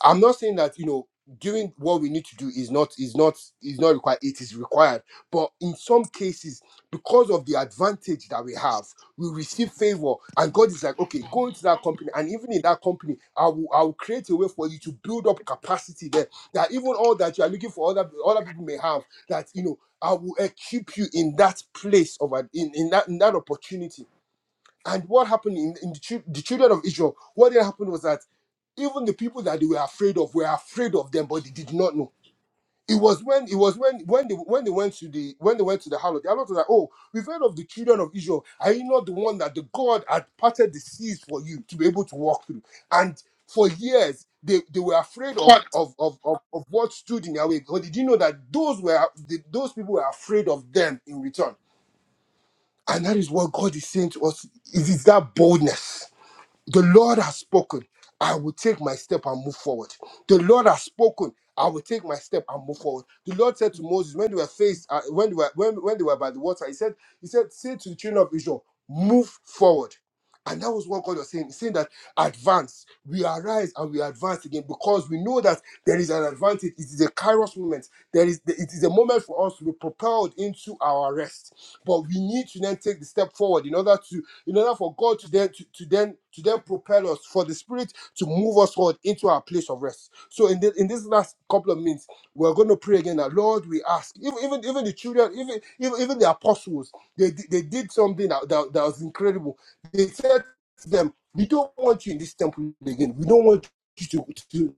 I'm not saying that you know doing what we need to do is not is not is not required. It is required, but in some cases, because of the advantage that we have, we receive favor, and God is like, okay, go into that company, and even in that company, I will I will create a way for you to build up capacity there. That even all that you are looking for, other other people may have, that you know, I will equip you in that place of an- in in that in that opportunity and what happened in, in the, chil- the children of Israel, what had happened was that even the people that they were afraid of were afraid of them, but they did not know. It was when it was when when they when they went to the when they went to the harlot, the harlot was like, "Oh, we've heard of the children of Israel. Are you not the one that the God had parted the seas for you to be able to walk through?" And for years, they, they were afraid of of, of of of what stood in their way because they didn't know that those were the, those people were afraid of them in return. And that is what God is saying to us: is it's that boldness the Lord has spoken. I will take my step and move forward. The Lord has spoken. I will take my step and move forward. The Lord said to Moses when they were faced, uh, when they were when, when they were by the water, he said, he said, say to the children of Israel, move forward. And that was what God was saying, saying that advance, we arise and we advance again because we know that there is an advantage. It is a kairos moment. There is it is a moment for us to be propelled into our rest. But we need to then take the step forward in order to in order for God to then to, to then to then propel us for the Spirit to move us forward into our place of rest. So in the, in this last couple of minutes, we're going to pray again that Lord, we ask even even, even the children, even even, even the apostles, they di- they did something that, that, that was incredible. They said to them, "We don't want you in this temple again. We don't want." you To, to,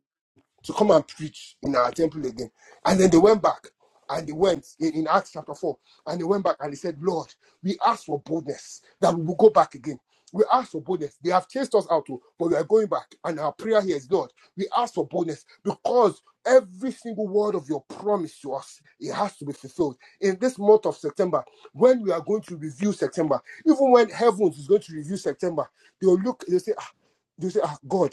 to come and preach in our temple again. And then they went back and they went in, in Acts chapter 4. And they went back and they said, Lord, we ask for boldness that we will go back again. We ask for boldness. They have chased us out, oh, but we are going back. And our prayer here is, Lord, we ask for boldness because every single word of your promise to us, it has to be fulfilled. In this month of September, when we are going to review September, even when heavens is going to review September, they'll look, they'll say, ah, they'll say, ah, God,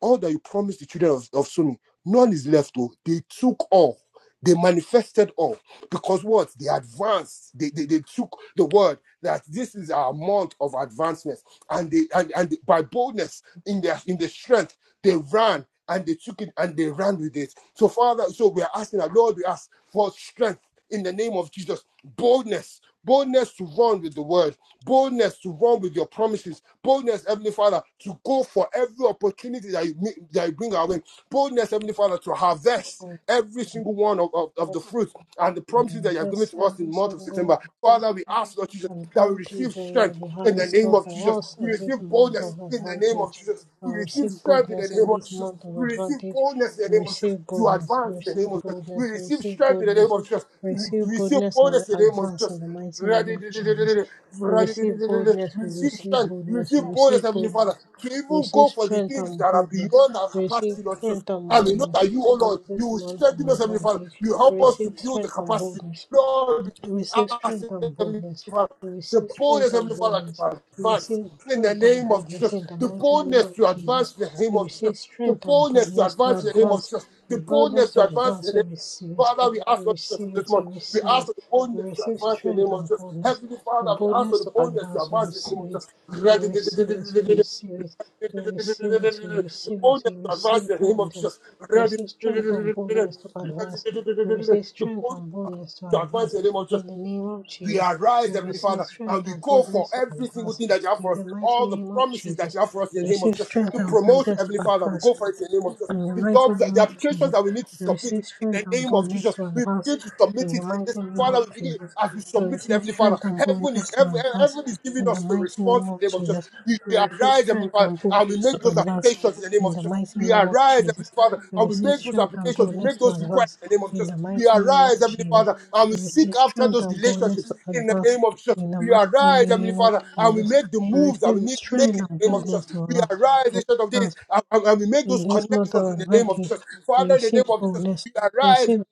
all that you promised the children of, of Sumi, none is left. Oh, they took all, they manifested all because what they advanced, they, they, they took the word that this is our month of advancement, and they and, and by boldness in their in the strength they ran and they took it and they ran with it. So, Father, so we are asking our Lord, we ask for strength in the name of Jesus, boldness, boldness to run with the word, boldness to run with your promises Boldness, Heavenly Father, to go for every opportunity that you, that you bring our way. Boldness, Heavenly Father, to harvest
I
every single one of, of, of the
Bless
fruits and the promises that you have given
bless
to us in
every
the month of
single
September. Father, we ask, Lord Jesus, that we receive
Advantage, O
strength
Lord, you have
in
in
the
store
name of Jesus.
for us
We
in
receive
this month
boldness
of
in the name of
advantage.
Jesus. We
We
receive
receive
strength in the
boldness in
name of
this
Jesus.
month of
We receive
advantage.
boldness in the
We
name of Jesus
receive
to
boldness, we
advance in the name
receive
of Jesus. We
boldness, we
receive
receive
strength in the name
boldness,
of Jesus.
we
we
receive
receive
boldness and we
boldness in the name of
advance in the mighty name of Jesus.
Jesus.
We receive boldness, we
Receive
receive
strength,
boldness, we
receive boldness,
receive
Heavenly Father,
boldness,
to
we
even
receive
go for the
strength
things that
and
are
boldness,
beyond our
we receive
capacity, Lord Jesus.
strength and
And we know
boldness
that you, oh
in
Lord, you
this
will
month of
strengthen us, Heavenly Father.
advantage.
You
We
help us to
receive
build the
strength and
capacity.
boldness.
Lord,
You
we
receive
ask,
strength and
Heavenly
boldness.
Father,
You
the
receive
boldness,
strength and
Heavenly Father, to
boldness. You
advance
receive
in the
strength and
name of
boldness
Jesus.
in the
The
mighty name
boldness
of
to advance
Jesus.
in the name
You
of Jesus.
receive
The
strength and
boldness to
boldness to
advance in the name of
advance.
Jesus. The
You
boldness
boldness
to
to
advance in the
advance. You receive it.
Father, we ask
You
for this
receive
this
it.
month.
You
We
receive
ask
it.
for the
You
boldness to
receive
advance the
strength
name of
and
Jesus.
boldness.
Heavenly
The
Father, we ask for
boldness
the
to
boldness to
advance. You
advance the name
receive
of Jesus.
it. You receive it. You
the
receive it. You receive it. You receive it.
boldness
You
to advance the
receive
name of Jesus.
boldness. You receive strength and
the
boldness to advance. You receive strength
boldness
and boldness to
to advance
advance.
the name of Jesus.
In the name of
We
Jesus,
arise,
we
Heavenly
receive
Father, and
strength
we
and
go for
boldness to
every single
advance.
thing that you have for
In
us,
the mighty
all the
name of
promises that
Jesus,
you have for us in
we
the name of
receive
Jesus,
strength
the
and
promotion,
boldness to
Heavenly Father, we
advance.
go for it in the name of Jesus,
In the
the
mighty
jobs,
name
the
of
applications
Jesus,
that we need to
we
submit
receive
in
strength
the
and
name of
boldness
Jesus,
to
we
advance.
begin to
In
submit
the
it in
mighty
this
name
Father,
of
we begin,
Jesus,
as we
we
submit it,
receive
Heavenly Father,
strength and
heaven is
boldness to
heaven,
advance.
heaven is giving
In the
us the
mighty
response
name
in
of
the name of Jesus.
Jesus,
We,
we
we
receive
arise, Heavenly
strength
Father,
and
and we
boldness to
make those
advance.
applications in the name
In
of
the
Jesus.
mighty
We
name of
arise, Heavenly
Jesus,
Father,
we
and we
receive
make those
strength and
applications, we
boldness
make
to
those requests
advance.
in the name of
In
Jesus.
the
We
mighty name
arise,
of
Heavenly
Jesus,
Father, and we
we
seek
receive
after
strength
those
and boldness
relationships
to
in the
advance.
name of Jesus.
In the
We
mighty
arise, Heavenly
name of
Father, and we
Jesus,
make the
we
moves that we
receive
need to make
strength
in
and
the name of Jesus.
boldness to
We
allow.
arise,
to
Ancient of
advance.
Days, and, and- and we make
In
those
this month
connections
of
in the name of
advantage,
Jesus.
we
Father, in the
receive
name of Jesus,
boldness,
we
we
arise,
receive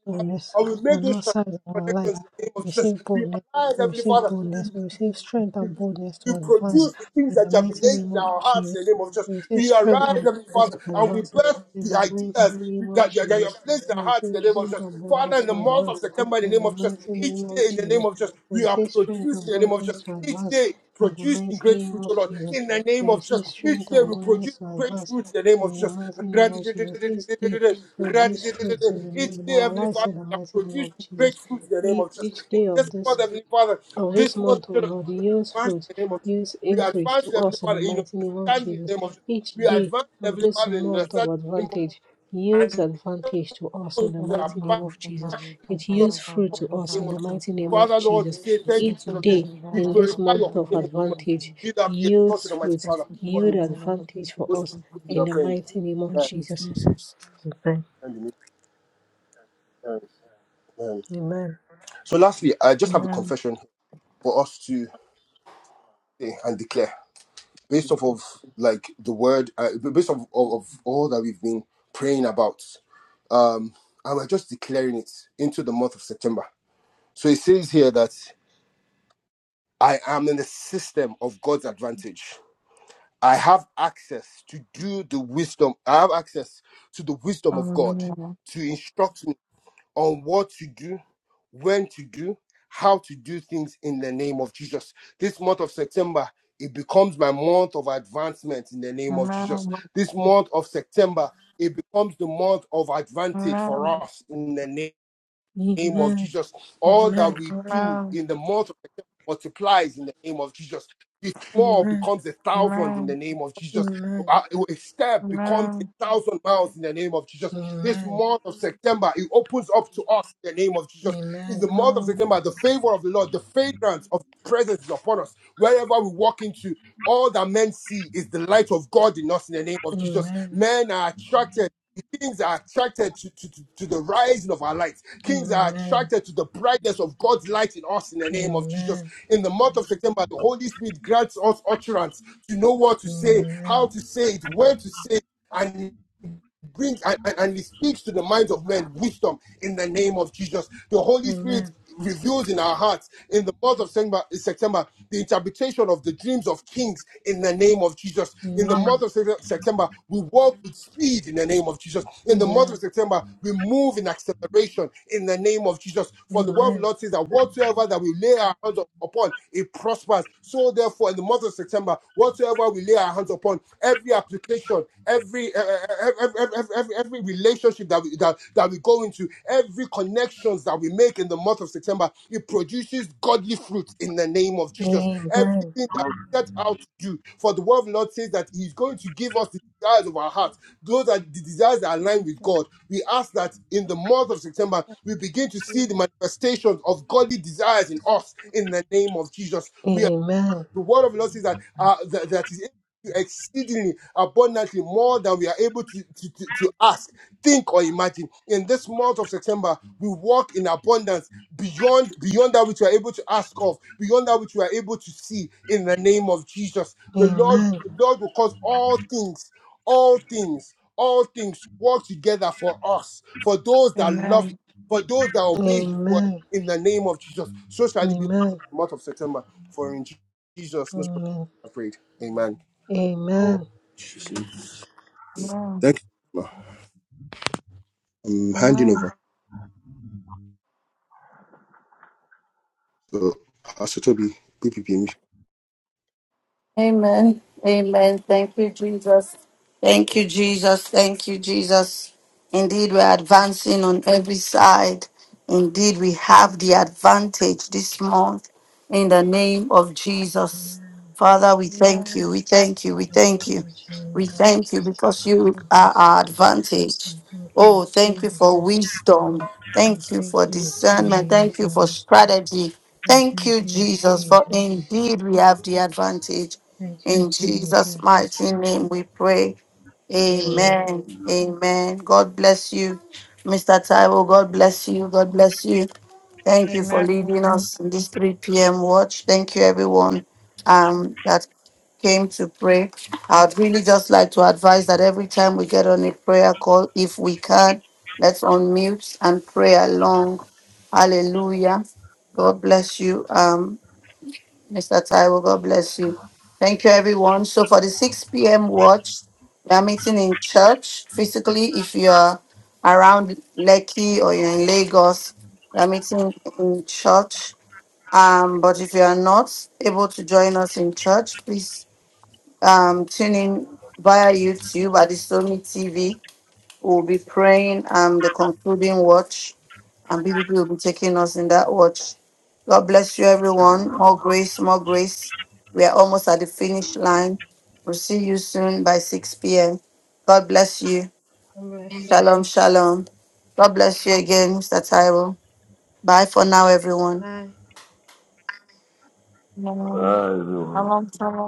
Heavenly Father,
boldness
and we make
on
those
all sides
strategic
of our life.
connections in the name
We
of Jesus.
receive
We
boldness,
arise,
we
Heavenly
receive boldness, we receive strength and
Father,
boldness
you
to advance
produce the things
in
that
the
you have been
mighty
laying
name
in
of
our hearts
Jesus.
in the name of Jesus.
We receive
We
strength
arise,
and
Heavenly
boldness to
Father, and we
advance
birth
in
the
the
ideas
mighty name
that,
of
that, that you
Jesus.
have placed in our
We
hearts
receive
in the name of
strength
Jesus.
and
Father,
boldness
in the
to
month of
advance
September, in the
in
name
the
of Jesus,
mighty
each
name of
day in the name
Jesus.
of Jesus,
We
we are
receive strength and
producing in the name of Jesus.
boldness to
Each
advance
day
in the
producing
mighty
great
name
fruit, O
of
Lord,
Jesus.
in the
We
name of Jesus.
receive
Each
strength
day
and
we produce
boldness to
great
advance
fruit in the name of
in the
Jesus.
mighty name of Jesus, each day produce fruits in,
Each
in
day,
our
Heavenly
lives
Father,
in the
we are
mighty name of
producing great
Jesus.
fruit in the name of
Each,
Jesus.
each day
This
of this
month, Heavenly Father,
of
this
this month, O
month,
Lord, yields
advance
fruit,
in the name of Jesus.
yields
We
increase
advance
to
in Heavenly
us in
Father
the
in
mighty name of
understanding in the
Jesus.
name of Jesus.
Each
We
day
advance in
of
Heavenly
this
Father in
month of
understanding in the name of Jesus.
advantage yields
And help
advantage to us
us
in the
to
mighty
abide
name of Jesus. It
in the
yields fruit to us
name
in
of
the
Jesus.
mighty name of
Father, Lord, we
Jesus.
say thank you
Each
for this.
day
We
in this
glorify your
month
holy
of
name in the name of Jesus.
advantage
Be thou be
yields
exalted, Almighty
fruit,
Father. For
yield
in
advantage for
most
us
we are
in the
praying.
mighty name of
Amen.
Jesus. Amen.
Amen. Amen.
Amen.
So, lastly, I just have a confession for us to say and declare based off of like the word, uh, based off of, of all that we've been praying about. um, and we're just declaring it into the month of September. So it says here that I am in the system of God's advantage. I have access to do the wisdom. I have access to the wisdom of God
Hallelujah.
to instruct me on what to do, when to do, how to do things in the name of Jesus. This month of September, it becomes my month of advancement in the name of Jesus. This month of September, it becomes the month of advantage for
Amen.
us in the name name of
Amen.
Jesus. All that
Amen.
we do
Amen.
in the month of September multiplies in the name of Jesus. The small
Amen.
becomes a thousand in the
Amen.
name of Jesus.
Amen.
Uh, A step becomes
Amen.
a thousand miles in the name of Jesus. This
Amen.
month of September, it opens up to us in the name of Jesus. In the
Amen.
month of
Amen.
September, the favor of the Lord, the fragrance of His presence is upon us. Wherever we walk into, all that men see is the light of God in us in the name of Jesus.
Amen.
Men are attracted the things are attracted to, to, to, to the rising of our light. Kings are
Amen.
attracted to the brightness of God's light in us in the name of Jesus.
Amen.
In the month of September, the Holy Spirit grants us utterance to know what to say, how
Amen.
to say it, when to say it. and. Brings and, and, he speaks to the minds of men wisdom in the name of Jesus. The Holy Spirit
Amen.
reveals in our hearts in the month of September, September the interpretation of the dreams of kings in the name of Jesus.
Amen.
In the month
Amen.
of September, we walk with speed in the name of Jesus. In the month of
Amen.
September, we move in acceleration in the name of Jesus. For the word of the
Amen.
Lord says that whatsoever that we lay our hands upon, it prospers. So therefore, in the month of September, whatsoever we lay our hands upon, every application, every uh, every, every, every, every relationship that we that, that we go into, every connections that we make in the month of September, it produces godly fruit in the name of Jesus.
Amen. Amen.
Everything that we set out to do, for the word of the Lord says that He's going to give us the desires of our heart those are the desires that align with God. We ask that in the month of September, we begin to see the manifestations of godly desires in us in the name of Jesus. we. The word of the Lord says that uh, that, that is able to exceedingly abundantly more than we are able to, to, to, to ask, think, or imagine. In this month of September, we walk in abundance beyond beyond that which we are able to ask of, beyond that which we are able to see. In the name of Jesus, the Lord,
Amen.
the Lord will cause all things, all things, all things to work together for us, for those that love Him,
Amen.
for those that obey His word. In the name of Jesus, so shall it be.
Amen.
Month of September for in Jesus, most
Amen.
precious, I prayed. Amen.
Amen.
Jesus' name.
Amen.
Thank you. Ma. I'm handing
Amen.
over. So, Pastor Toby, PPP
Amen. Amen. Thank you, Jesus. Thank you, Jesus. Thank you, Jesus. Indeed, we're advancing on every side. Indeed, we have the
Amen.
advantage this month in the name of Jesus. Father, we thank you. We thank you. We thank
Thank
you.
you,
We
Jesus.
thank you because you are our advantage.
And Thank you,
Oh, thank you for
Jesus.
wisdom.
And
Thank you for
Thank you,
discernment. Thank you for
Jesus.
strategy.
And
Thank you,
Thank you,
Jesus, for
Jesus.
indeed we have the advantage.
Thank you,
In Jesus'
Jesus.
mighty name we pray.
Amen.
Amen. Amen. God bless you, Mr. Taiwo. God bless you. God bless you. Thank you for
Amen.
leading us in this 3 p.m. watch. Thank you, everyone um, that came to pray. I'd really just like to advise that every time we get on a prayer call, if we can, let's unmute and pray along. Hallelujah. God bless you. um. Mr. Taiwo, God bless you. Thank you, everyone. So for the 6 p.m. watch, we are meeting in church physically. If you are around Lekki or you're in Lagos, we are meeting in church. Um, but if you are not able to join us in church, please um, tune in via YouTube at the Somi TV. We'll be praying um, the concluding watch and BBP will be taking us in that watch. God bless you, everyone. More grace, more grace. We are almost at the finish line. We'll see you soon by 6 p.m. God bless you.
God Bless you.
Shalom, shalom. God bless you again, Mr. Tyrell. Bye for now, everyone.
Bye.
Amen. Shalom, shalom.